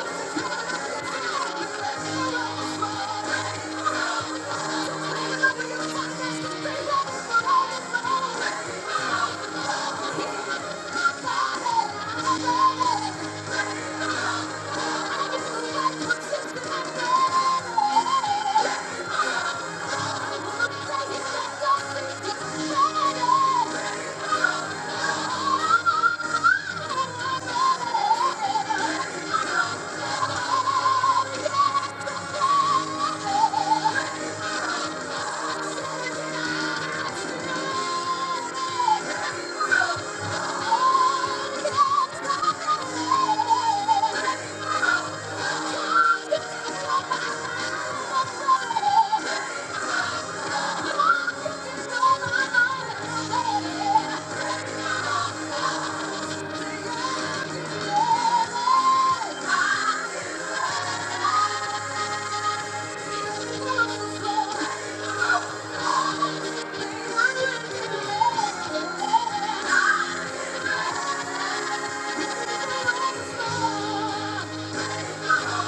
Speaker 1: Thank you.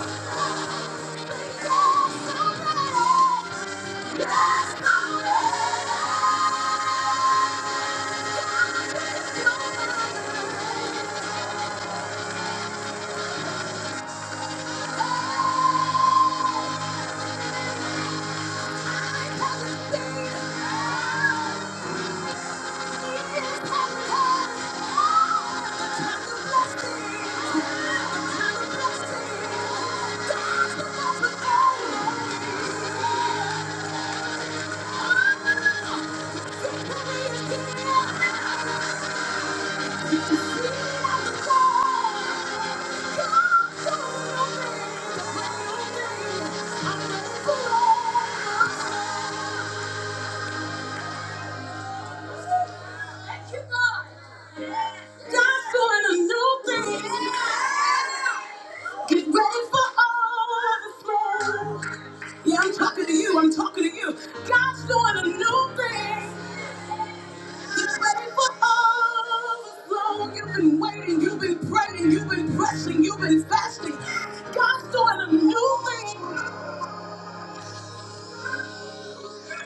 Speaker 1: Thank you. Thank you, Lord. God's doing a new thing. Get ready for overflow. Yeah, I'm talking to you. I'm talking to you. God's doing a new thing. Get ready for overflow. You've been waiting. You've been praying. You've been pressing. You've been fasting. God's doing a new thing.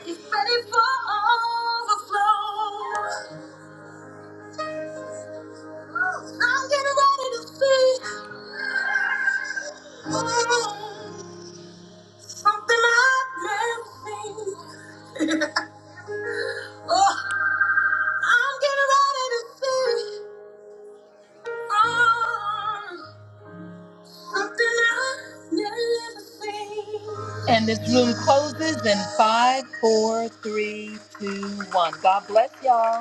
Speaker 1: Get ready for overflow. I'm getting ready to see something I've never seen. Oh, I'm getting ready to see um, something I've never seen. And this room closes in five, four, three, two, one. God bless y'all.